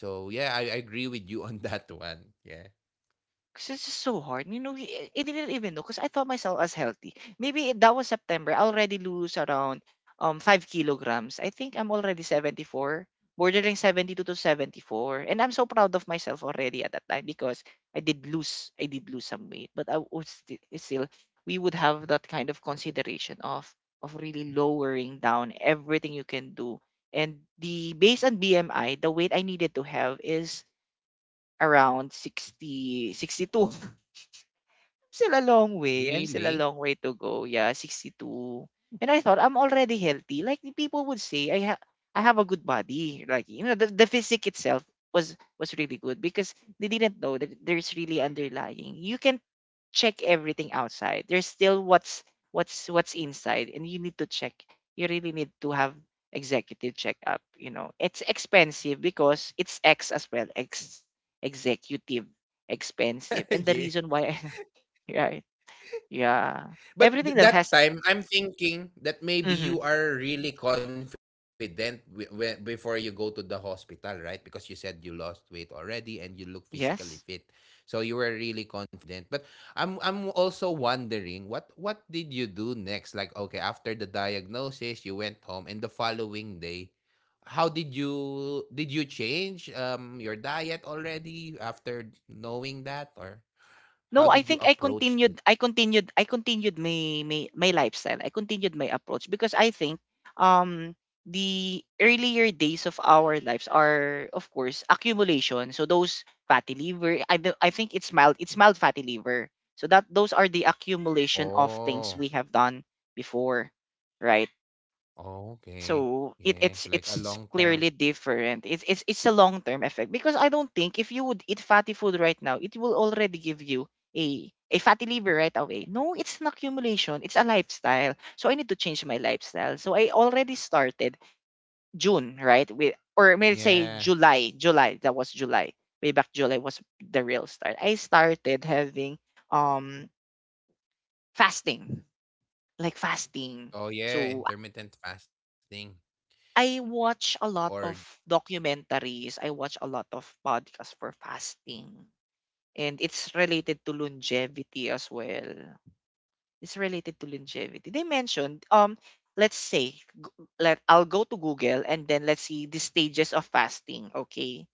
B: So yeah, I agree with you on (laughs) that one, yeah.
A: 'Cause it's just so hard. You know, I didn't even know. Cause I thought myself as healthy. Maybe that was September. I already lose around 5 kilograms. I think I'm already 74, bordering 72 to 74. And I'm so proud of myself already at that time because I did lose some weight, but I was still we would have that kind of consideration of really lowering down everything you can do. And the based on BMI, the weight I needed to have is around 60, 62. I'm still a long way. I'm still a long
B: Really.
A: way to go. Yeah, 62. And I thought I'm already healthy. Like the people would say, I have a good body. Like the physique itself was was really good because they didn't know that there's really underlying. You can check everything outside. There's still what's inside, and you need to check. You really need to have executive checkup. You know, it's expensive because it's X as well. X executive expensive. And
B: (laughs)
A: the
B: Yeah.
A: reason why (laughs) Right. Yeah. Everything
B: But
A: that has
B: that time, I'm thinking that
A: hmm
B: maybe you are really confident before you go to the hospital, right? Because you said you lost weight already and you look physically
A: Yes.
B: fit, so you were really confident. But I'm also wondering what did you do next? Like okay, after the diagnosis, you went home, and the following day, how did you change your diet already after knowing that, or
A: No,
B: how
A: I
B: did
A: think
B: you approach it?
A: I continued my lifestyle. I continued my approach because I think um the earlier days of our lives are of course accumulation. So those fatty liver I think it's mild fatty liver. So that those are the accumulation of things we
B: Oh.
A: have done before, right?
B: Oh, okay.
A: So
B: Yeah, like a long
A: it's
B: term.
A: clearly different. It's a long term effect because I don't think if you would eat fatty food right now, it will already give you a fatty liver right away. No, it's an accumulation. It's a lifestyle. So I need to change my lifestyle. So I already started June, right? With or may I say
B: Yeah.
A: July. That was July. Way back July was the real start. I started having um fasting, like fasting.
B: Oh
A: So
B: yeah, intermittent fasting
A: I watch a
B: or
A: lot of documentaries. I watch a lot of podcasts for fasting. And it's related to longevity as well. It's related to longevity. They mentioned, let's say, g- let I'll go to Google and then let's see the stages of fasting. Okay,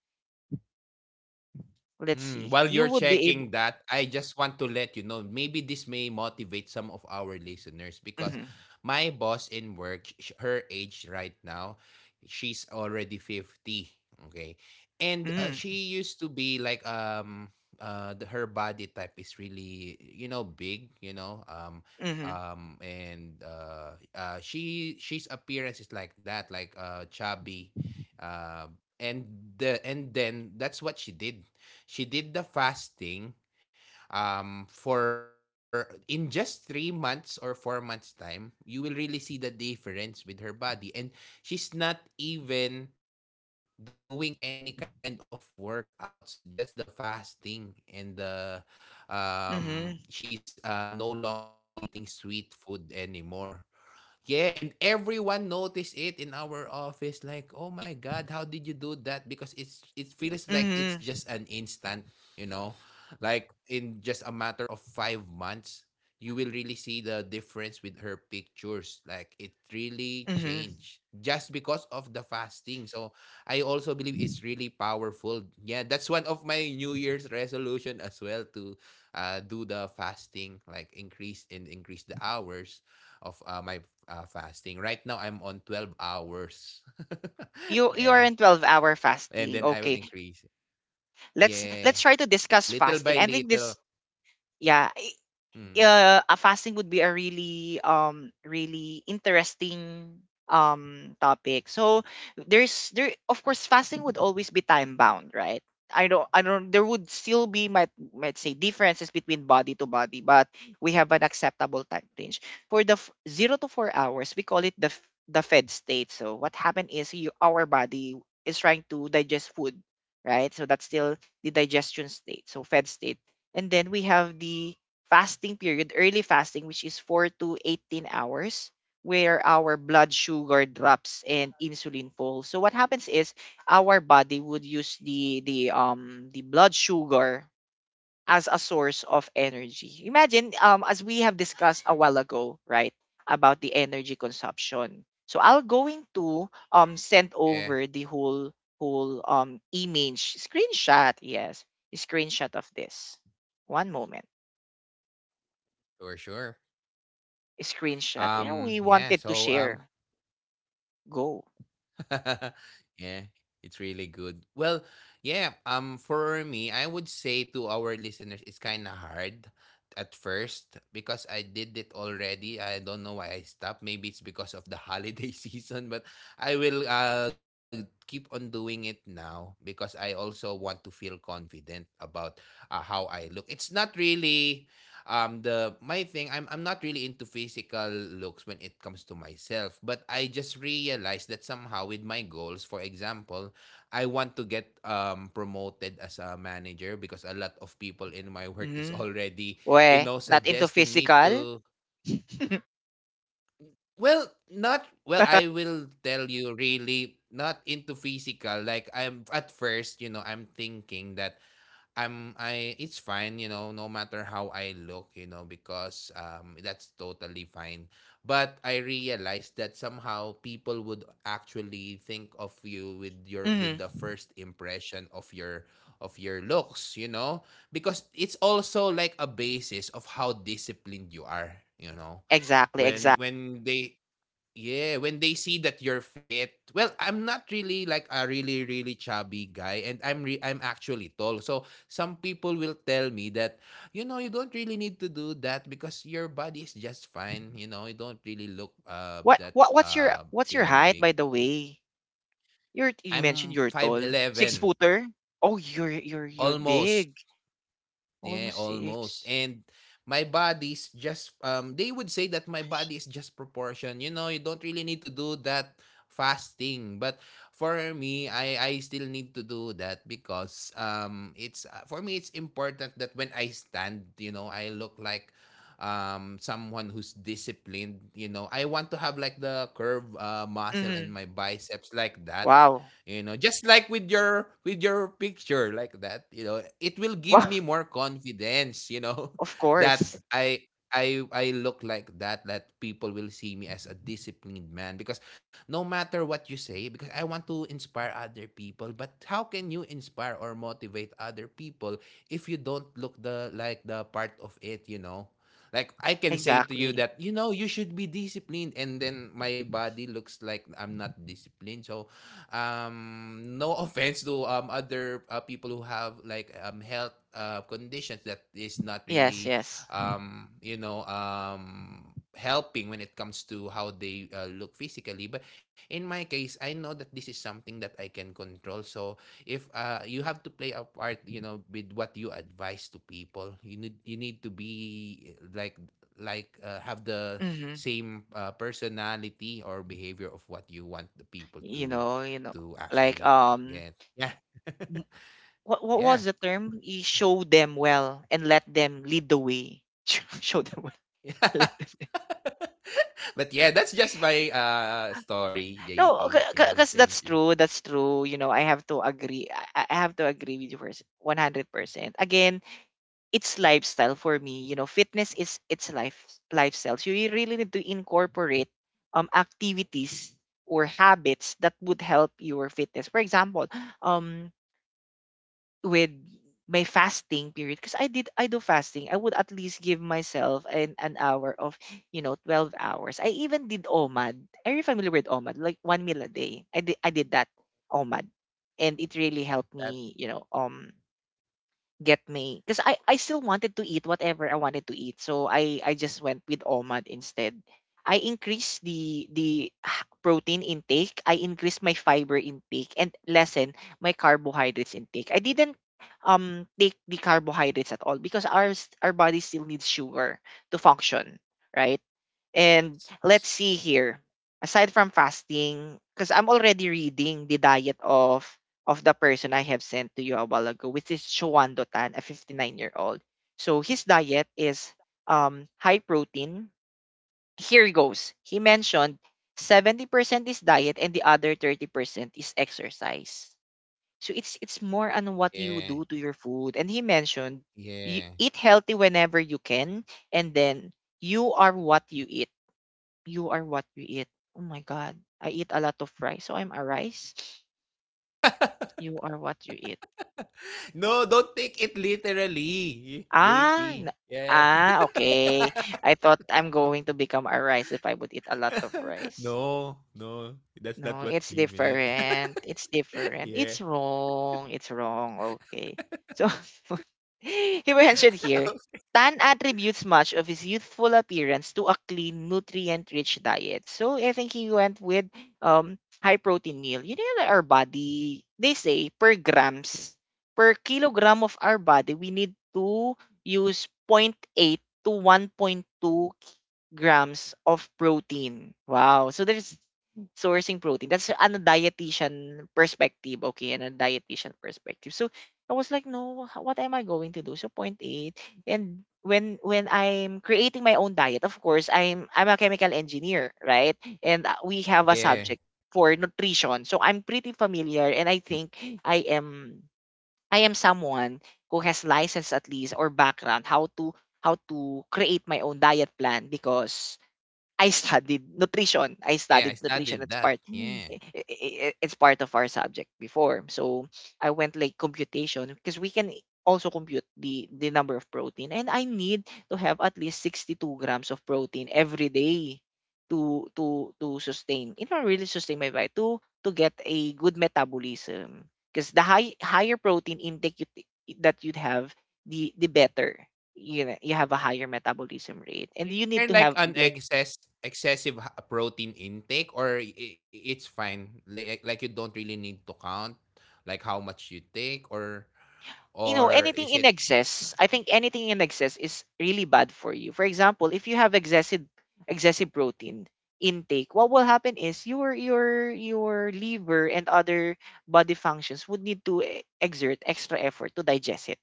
A: let's
B: Mm,
A: see.
B: while
A: You
B: you're
A: would be able.
B: checking that, I just want to let you know maybe this may motivate some of our listeners because
A: Mm-hmm,
B: my boss in work, her age right now, she's already 50. Okay. And
A: mm-hmm,
B: she used to be like, her body type is really, big,
A: mm-hmm,
B: and she's appearance is like that, like chubby, uh, and and then that's what she did. She did the fasting for in just 3 months or 4 months time. You will really see the difference with her body, and she's not even doing any kind of workouts, just the fasting, and the
A: mm-hmm,
B: she's no longer eating sweet food anymore. Yeah, and everyone noticed it in our office. Like, oh my god, how did you do that? Because it feels like it's
A: mm-hmm,
B: just an instant, you know, like in just a matter of 5 months, you will really see the difference with her pictures. Like it really
A: mm-hmm.
B: changed just because of the fasting. So I also believe it's really powerful. Yeah, that's one of my New Year's resolution as well to do the fasting, like increase and increase the hours of my fasting. Right now, I'm on 12 hours.
A: You are in
B: (laughs)
A: 12-hour
B: Yeah.
A: fasting. Okay,
B: And then I will increase.
A: let's try to discuss
B: Yeah.
A: fasting. I think this
B: Little by little.
A: yeah, a fasting
B: hmm
A: would be a really really interesting topic. So there's there of course fasting would always be time bound, right? I don't there would still be might say differences between body to body, but we have an acceptable time range. For the 0 to 4 hours, we call it the fed state. So what happened is our body is trying to digest food, right? So that's still the digestion state. So fed state. And then we have the fasting period, early fasting, which is 4 to 18 hours, where our blood sugar drops and insulin falls. So what happens is our body would use the blood sugar as a source of energy. Imagine as we have discussed a while ago, right, about the energy consumption. So I'll going to send
B: yeah,
A: over the whole image screenshot, yes, screenshot of this. One moment.
B: for sure.
A: Screenshot. You know, we
B: Yeah.
A: wanted to
B: So,
A: share. Go.
B: (laughs) yeah, it's really good. Well, yeah, for me, I would say to our listeners it's kind of hard at first because I did it already. I don't know why I stopped. Maybe it's because of the holiday (laughs) season, but I will keep on doing it now because I also want to feel confident about how I look. It's not really the my thing. I'm not really into physical looks when it comes to myself, but I just realized that somehow with my goals, for example, I want to get promoted as a manager because a lot of people in my work is
A: Mm-hmm.
B: already,
A: Weh, not into
B: suggesting me
A: physical?
B: to,
A: (laughs)
B: well, not, well, I will tell you really not into physical, like, I'm at first, you know, I'm thinking that I'm I it's fine, you know, no matter how I look, you know, because that's totally fine. But I realized that somehow people would actually think of you with your with the
A: Mm-hmm.
B: first impression of your looks, you know, because it's also like a basis of how disciplined you are, you know.
A: Exactly,
B: When
A: exactly.
B: when they, yeah, when they see that you're fit. Well, I'm not really like a really chubby guy and I'm actually tall. So some people will tell me that you know, you don't really need to do that because your body is just fine, you know, you don't really look that
A: What's
B: you
A: your
B: know
A: height,
B: big.
A: by the way? You
B: I'm
A: mentioned you're
B: five
A: tall. Six
B: eleven
A: footer? Oh, you're
B: almost.
A: big.
B: Yeah,
A: Almost
B: almost.
A: six.
B: And my body's just they would say that my body is just proportion. You know, you don't really need to do that fasting. But for me, I still need to do that because it's for me it's important that when I stand, you know, I look like someone who's disciplined, you know. I want to have like the curve muscle in
A: Mm-hmm.
B: my biceps like that,
A: Wow.
B: you know, just like with your picture like that, you know. It will
A: Wow.
B: give me
A: (laughs)
B: more confidence, you know.
A: Of
B: (laughs) that
A: course.
B: i i i look like that, people will see me as a disciplined man. Because no matter what you say, because I want to inspire other people. But how can you inspire or motivate other people if you don't look the like the part of it, you know? Like, I can say to you
A: Exactly.
B: that, you know, you should be disciplined, and then my body looks like I'm not disciplined. So no (laughs) offense to other people who have like health conditions that is not
A: Yes,
B: really
A: yes.
B: you know helping when it comes to how they look physically. But in my case, I know that this is something that I can control. So if you have to play a part, you know, with what you advise to people, you need to be like have the
A: Mm-hmm.
B: same personality or behavior of what you want the people
A: You know,
B: to
A: like
B: actually get. Yeah.
A: What
B: (laughs) Yeah.
A: was the term? You show them well and let them lead the way. (laughs) Show them well. (laughs)
B: Yeah.
A: Let them lead.
B: (laughs) But yeah, that's just my story,
A: No,
B: JP. Yeah,
A: because
B: thank you.
A: that's true. That's true. You know, I have to agree. I have to agree with you first, 100%. Again, it's lifestyle for me. You know, fitness is it's lifestyle. So you really need to incorporate activities or habits that would help your fitness. For example, um with my fasting period because I do fasting. I would at least give myself an hour of, 12 hours. I even did OMAD. Are you familiar with OMAD? Like one meal a day. I did that OMAD. And it really helped
B: That's
A: me, get me because I still wanted to eat whatever I wanted to eat. So I just went with OMAD instead. I increased protein intake, I increased my fiber intake and lessen my carbohydrates intake. I didn't take the carbohydrates at all because our body still needs sugar to function, right? And
B: yes.
A: let's see here. Aside from fasting, because I'm already reading the diet of the person I have sent to you a while ago, which is Chuan Dotan, a 59-year-old. So his diet is high protein. Here he goes. He mentioned 70% is diet and the other 30% is exercise. So it's more on what you
B: Yeah.
A: do to your food. And he mentioned you
B: Yeah.
A: eat
B: (laughs)
A: healthy whenever you can, and then you are what you eat. You are what you eat. Oh my God. I eat a lot of rice. So I'm a rice. You are what you eat.
B: No, don't take it literally,
A: Ah,
B: JP. Yeah.
A: okay. I thought I'm going to become a rice if I would eat a lot of
B: (laughs)
A: rice.
B: No, no. That's
A: No,
B: not what
A: it's
B: he meant.
A: different. It's
B: (laughs)
A: different.
B: Yeah.
A: It's wrong. It's wrong. Okay. So (laughs) he mentioned here, Tan attributes much of his youthful appearance to a clean, nutrient-rich diet. So I think he went with high protein meal. You know, that our body, they say per grams, per kilogram of our body, we need to use zero point 0.8 to 1.2 grams of protein. Wow. So there's sourcing protein. That's an a dietitian perspective, okay, and a dietitian perspective. So I was like, no, what am I going to do? So point 0.8. And when I'm creating my own diet, of course, I'm a chemical engineer, right? And we have a
B: Yeah.
A: subject for nutrition. So I'm pretty familiar, and I think I am I am someone who has license at least or background how to create my own diet plan because I studied nutrition. I
B: Yeah, I
A: studied nutrition.
B: studied
A: It's
B: that.
A: part
B: Yeah.
A: Mm. i- i- i- it's part of our subject before. So I went like computation because we can also compute the number of protein, and I need to have at least 62 grams of protein every day to sustain, really sustain my body to get a good metabolism because the higher protein intake that you'd have the better, you know, you have a higher metabolism rate, and
B: Is
A: you need
B: there
A: to
B: like
A: have
B: an
A: like,
B: excessive protein intake, or it's fine? Like, like, you don't really need to count like how much you take
A: you know,
B: or
A: anything
B: is
A: in
B: it?
A: excess, I think anything in excess is really bad for you. For example, if you have excessive protein intake, what will happen is your liver and other body functions would need to exert extra effort to digest it,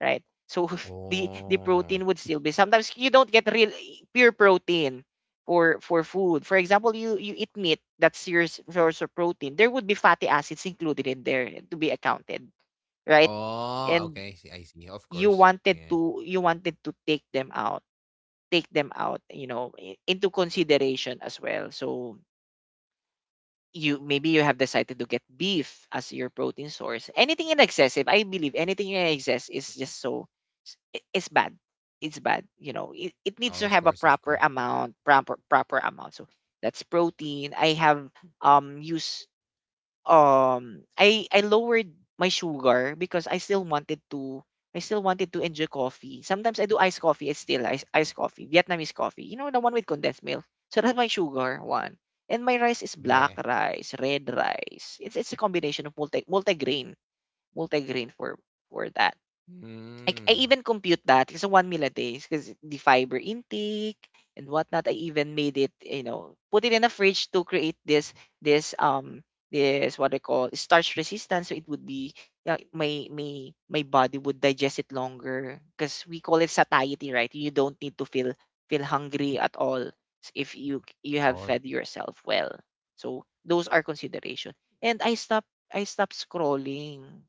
A: right? So (laughs) the
B: Oh.
A: protein would still be, sometimes you don't get real pure protein for food. For example, you eat meat, that's source of protein. There would be fatty acids included in there to be accounted, right?
B: Oh,
A: And
B: okay. I see. Of course. Yeah.
A: you wanted to take them out, take them out, you know, into consideration as well. So, you maybe you have decided to get beef as your protein source. Anything in excessive I believe anything in excess is just so it's bad. It's bad. You know, it needs to
B: Oh, of
A: have a
B: course, of
A: proper
B: course.
A: amount, proper amount. So that's protein. I have used I lowered my sugar because I still wanted to enjoy coffee. Sometimes I do iced coffee. It's still iced coffee, Vietnamese coffee. You know, the one with condensed milk. So that's my sugar one. And my rice is
B: Yeah.
A: black rice, red rice. It's a combination of multigrain, for that. I
B: Mm.
A: even compute that it's a one meal a day because the fiber intake and whatnot. I even made it, you know, put it in a fridge to create this um this what they call starch resistance. So it would be my body would digest it longer because we call it satiety, right? You don't need to feel hungry at all, if you have
B: Oh.
A: fed yourself well. So those are consideration. And I stop scrolling.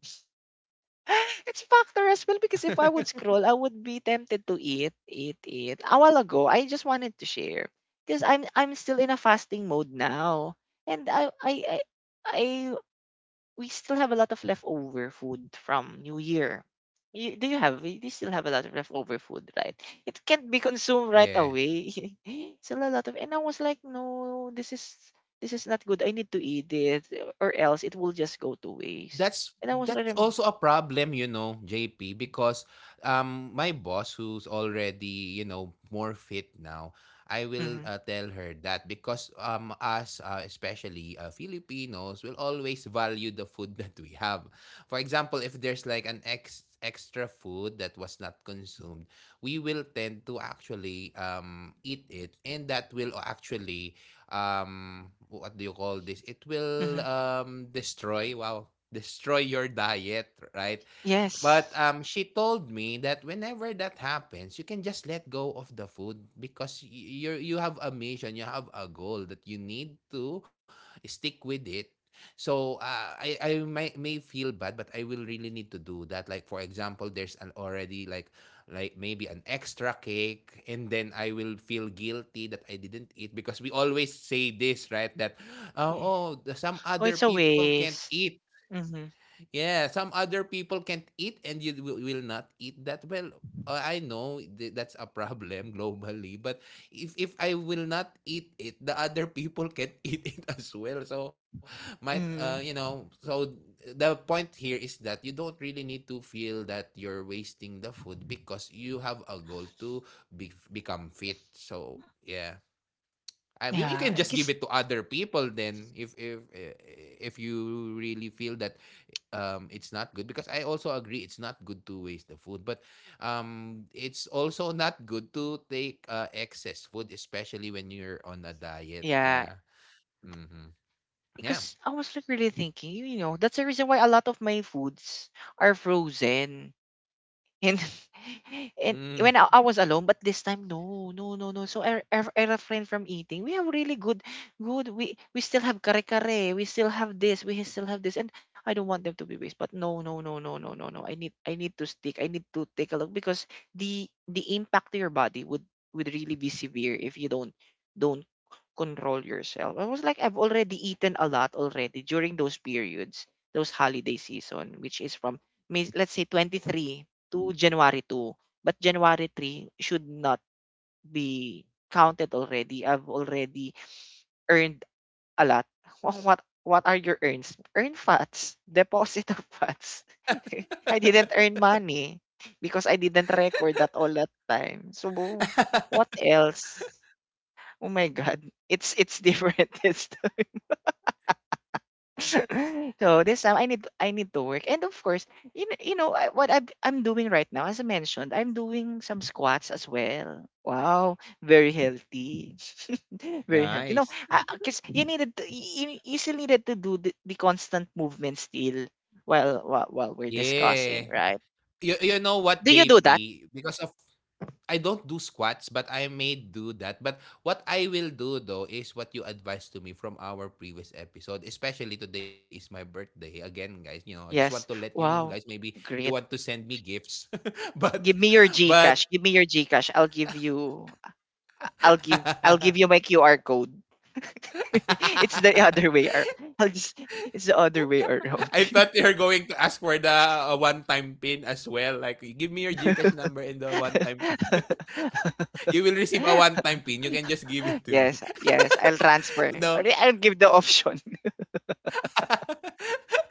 A: (laughs) It's factor as well because if I would
B: (laughs)
A: scroll, I would be tempted to eat, eat, eat. A while ago, I just wanted to share because I'm still in a fasting mode now, and I we still have a lot of leftover food from New Year. You, do you have? You still have a lot of leftover food, right? It can't be consumed right
B: Yeah.
A: away. (laughs) Still a lot of, and I was like, no, this is not good. I need to eat it, or else it will just go to waste.
B: That's
A: And I was rather.
B: also a problem, you know, JP. Because my boss, who's already, you know, more fit now, I will
A: Mm-hmm.
B: tell her that. Because us especially Filipinos will always value the food (laughs) that we have. For example, if there's like an ex extra food that was not consumed, we will tend to actually eat it, and that will actually what do you call this? It will
A: Mm-hmm.
B: destroy, wow, destroy your diet, right? But
A: Yes.
B: she told me that whenever that happens, you can just let go of the food. Because you, you have a mission, you have a goal that you need to stick with it. So I may feel bad, but I will really need to do that. Like, for example, there's an already like maybe an extra cake, and then I will feel guilty that I didn't eat. Because we always say this, right? That
A: Yeah.
B: oh, some
A: Oh,
B: other
A: it's a
B: people can't
A: waste.
B: eat.
A: Mm-hmm.
B: Yeah, some other people can't eat, and you will not eat that well. I know that's a problem (laughs) globally. But if I will not eat it, the other people can (laughs) eat it as well. So might you
A: Mm-hmm.
B: know, so the point here is that you don't really need to feel that you're wasting the food, because you have a goal to become fit. So yeah. I mean, you
A: Yeah,
B: can
A: I
B: just give
A: guess.
B: it to other people then, if you really feel that it's not good. Because I also agree it's not good to waste the food, but it's also not good to take excess food, especially when you're on a diet.
A: Yeah,
B: Yeah. Mhm. Yeah.
A: because I was like really thinking, you know, that's the reason why a lot of my foods are frozen. And (laughs) and
B: Mm,
A: when I was alone, but this time no, no, no, no. So I refrain from eating. We have really good, good. We still have kare kare. We still have this. We still have this, and I don't want them to be waste. But no, no, no, no, no, no, no. I need to stick. I need to take a look because the impact to your body would really be severe if you don't control yourself. I was like I've already eaten a lot already during those periods, those holiday season, which is from May, let's say 23 to January 2. But January 3 should not be counted already. I've already earned a lot. (laughs) What are your earns? Earn fats, (laughs) deposit of fats. (laughs) I didn't earn money because I didn't record that all that time. So what else? Oh my god. It's different. (laughs) This (laughs) so this time I need to work, and of course, you know, what I'm doing right now, as I mentioned, I'm doing some squats as well. Wow, very healthy, (laughs) very healthy. No,
B: nice.
A: because you needed to, you still needed to do the constant movement still while we're
B: Yeah.
A: discussing, right?
B: You know what,
A: Do you do that?
B: JP, because of, I don't do squats, but I may do that. But what I will do though is what you advised to me from our previous episode. Especially today is my birthday. Again, guys, you know, I just want to
A: Yes.
B: let you know, guys,
A: Wow,
B: maybe you want
A: great.
B: to send me gifts. (laughs) but
A: Give me your
B: but
A: Gcash. Give me your Gcash. I'll give you. I'll give
B: (laughs)
A: you my QR code. (laughs) it's the other way ar- I'll just it's the other way
B: I thought
A: around.
B: you were going to ask for the one-time pin as well. Like, give me your GCash number
A: (laughs)
B: and the one-time pin. (laughs) You will receive a one-time pin. You can just give it to me.
A: Yes, yes, I'll
B: (laughs)
A: transfer.
B: No?
A: Or I'll give the option. (laughs)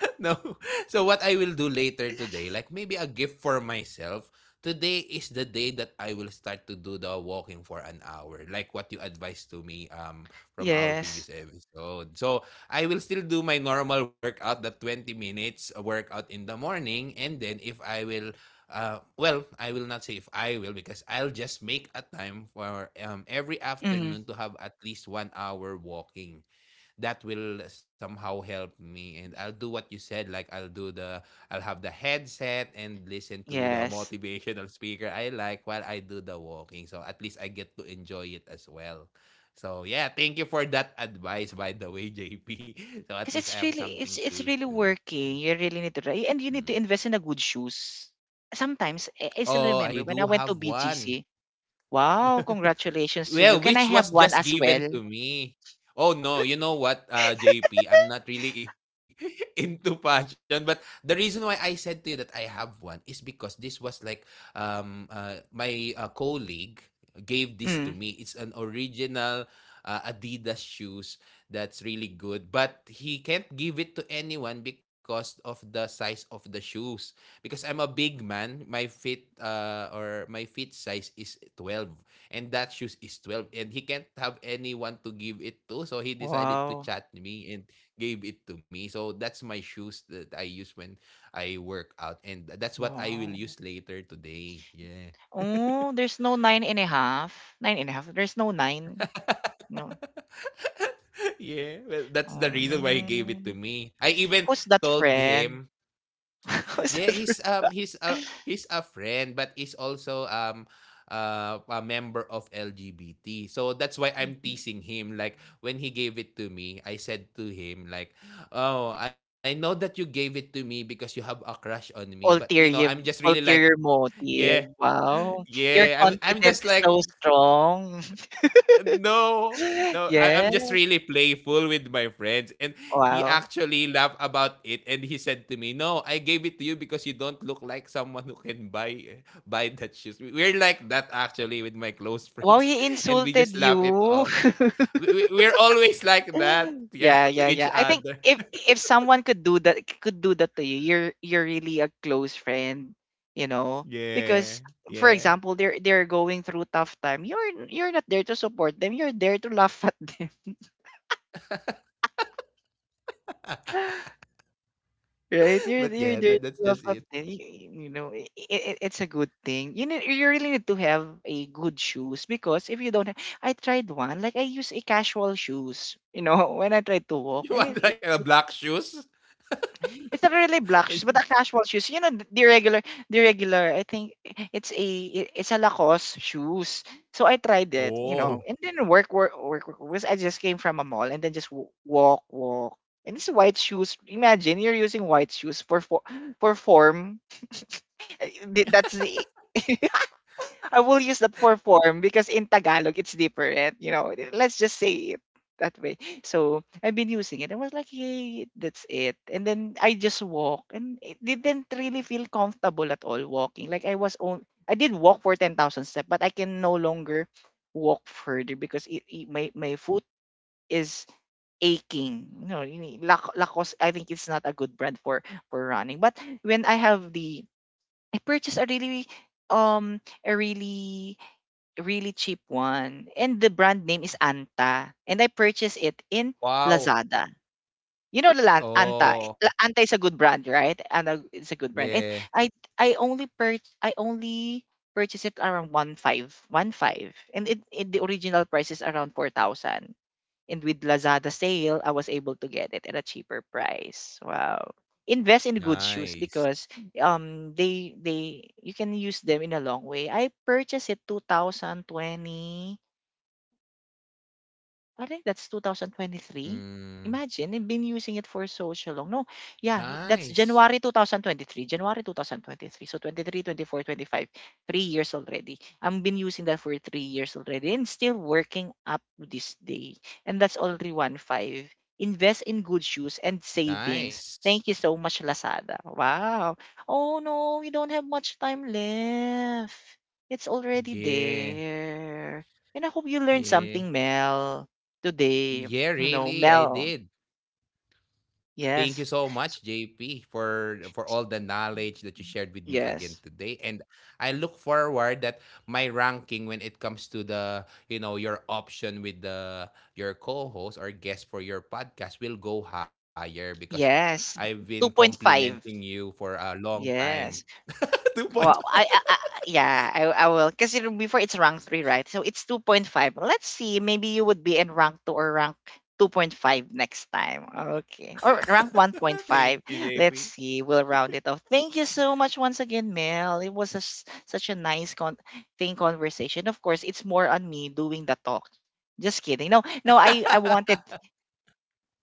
B: (laughs) No. So what I will do later today, like maybe a gift for myself. Today is the day that I will start to do the walking for an hour, like what you advised to me from our
A: Yes.
B: previous episode. So I will still do my normal workout, the 20 minutes workout in the morning. And then if I will, well, I will not say if I will, because I'll just make a time for every
A: Hmm.
B: afternoon to have at least 1 hour walking. That will somehow help me. And I'll do what you said, like I'll have the headset and listen to the (laughs)
A: Yes.
B: motivational speaker I like while I do the walking, so at least I get to enjoy it as well. So yeah, thank you for that advice, by the way, JP. (laughs) So at
A: Because
B: least I
A: it's
B: have
A: really
B: something
A: it's
B: to
A: it's really
B: do.
A: working. You really need to try and you need
B: Mm.
A: to invest in a good shoes. Sometimes I still
B: Oh, I
A: remember when I
B: do
A: went to
B: have one.
A: BGC. Wow, congratulations to you.
B: Well,
A: Can I
B: which
A: have
B: was
A: one
B: just
A: as well?
B: given to me. Oh no, you know what, JP, I'm not really (laughs) into fashion. But the reason why I said to you that I have one is because this was like my colleague gave this to me.
A: Mm.
B: It's an original Adidas shoes that's really good, but he can't give it to anyone because of the size of the shoes. Because I'm a big man, my feet or my feet size is 12, and that shoes is 12, and he can't have anyone to give it to. So he decided to
A: Wow.
B: chat me and gave it to me. So that's my shoes that I use when I work out, and that's what I will
A: Wow.
B: use later today. Yeah.
A: Oh, there's no 9 and a half. 9 and a half. There's no 9? No.
B: (laughs) Yeah, well, that's the reason why he gave it to
A: Mm.
B: me. I even
A: Who's that
B: told
A: friend?
B: him.
A: (laughs) Who's
B: Yeah,
A: that friend?
B: he's a friend, but he's also a member of LGBT. So that's why I'm teasing him. Like when he gave it to me, I said to him like, "Oh, I know that you gave it to me because you have a crush on me, but you know, I'm just
A: Ulterior
B: really like,
A: ulterior
B: yeah.
A: motive. Wow.
B: Yeah,
A: Your
B: I'm just
A: confidence is
B: like,
A: so strong.
B: no,
A: (laughs)
B: no, I, I'm
A: Yes.
B: just really playful with my friends. And he
A: Wow.
B: actually laughed about it and he said to me, no, I gave it to you because you don't look like someone who can buy that shoes. We're like that actually with my close
A: Wow,
B: friends.
A: he
B: (laughs) And we
A: insulted
B: just laugh it
A: you.
B: off.
A: (laughs)
B: We're always like that,
A: (laughs)
B: yeah,
A: Yeah,
B: (laughs) to
A: yeah,
B: each
A: yeah. I think
B: other.
A: if someone could do that to you, you're really a close friend, you know. Because
B: Yeah,
A: for
B: yeah.
A: example, they're going through tough time. You're not there to support them. You're there to laugh at them, (laughs) right?
B: (laughs)
A: You're
B: But
A: you're
B: yeah,
A: there to
B: that's
A: laugh
B: just
A: at
B: it.
A: them. You know, it's a good thing. You need, you really need to have a good shoes because if you don't, have, I tried one. Like I use a casual shoes, you know, (laughs) when I tried to
B: (laughs)
A: walk,
B: You
A: and
B: want like a black shoes?
A: it's not really black shoes, but the
B: (laughs)
A: casual shoes. You know, the regular, the regular. I think it's a it's a Lacoste shoes. So I tried it, you know,
B: Oh,
A: and then work because I just came from a mall and then just walk. And it's white shoes. Imagine you're using white shoes for form. Eh, that's the (laughs) I will use that for form because in Tagalog it's different. You know, let's just say it that way. So I've been using it. I was like, hey, that's it. And then I just walk, and it didn't really feel comfortable at all walking. Like I was on, I did walk for 10,000 steps, but I can no longer walk further because my foot is aching. You know, you need Lacoste. I think it's not a good brand for running. But when I have the, I purchased a really really cheap one. And the brand name is Anta. And I purchased it in
B: wow.
A: Lazada. You know Anta.
B: Oh,
A: Anta is a good brand, right? Anta is a good brand. And
B: yeah.
A: I I only purchased it around 1.5, 1.5. And it the original price is around 4,000. And with Lazada sale, I was able to get it at a cheaper price. Wow. Invest in good shoes
B: Nice.
A: because they you can use them in a long way. I purchased it 2020. I think that's 2023.
B: Mm,
A: Imagine, I've been using it for so, so long. No, yeah, that's
B: nice.
A: January 2023. January 2023. So 23, 24, 25. 3 years already. I've been using that for 3 years already and still working up to this day. And that's already 1.5. Invest in good shoes and savings.
B: Nice.
A: Thank you so much, Lazada. Wow. Oh no, we don't have much time left. It's already
B: Yeah.
A: there. And I hope you learned something,
B: Yeah.
A: Mel, today, you
B: Yeah,
A: know,
B: really, I
A: Mel.
B: did. Thank you
A: Yes.
B: so much,
A: S-
B: JP, for all the knowledge that you shared with me again
A: Yes.
B: today. And I look forward that my ranking when it comes to the, you know, your option with the your co-host or guest for your podcast will go higher, because I've
A: Yes.
B: been complimenting you
A: 2.5.
B: for a long time.
A: Yes.
B: (laughs) 2 points.
A: Well, I yeah, I will. Because before it's rank three, right? So it's 2.5. Let's see. Maybe you would be in rank two or rank 2.5 next time. Okay. Or rank
B: (laughs) Thank you,
A: 1.5.
B: JP.
A: Let's see. We'll round it off. Thank you so much once again, Mel. It was a s such a nice con- thing conversation. Of course, it's more on me doing the talk. Just kidding. No, no, I wanted
B: (laughs)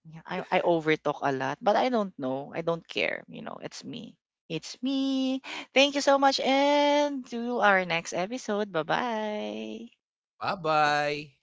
A: yeah, I overtalk a lot, but I don't know. I don't care. You know, it's me. It's me. Thank you so much and to our next episode. Bye-bye.
B: Bye-bye.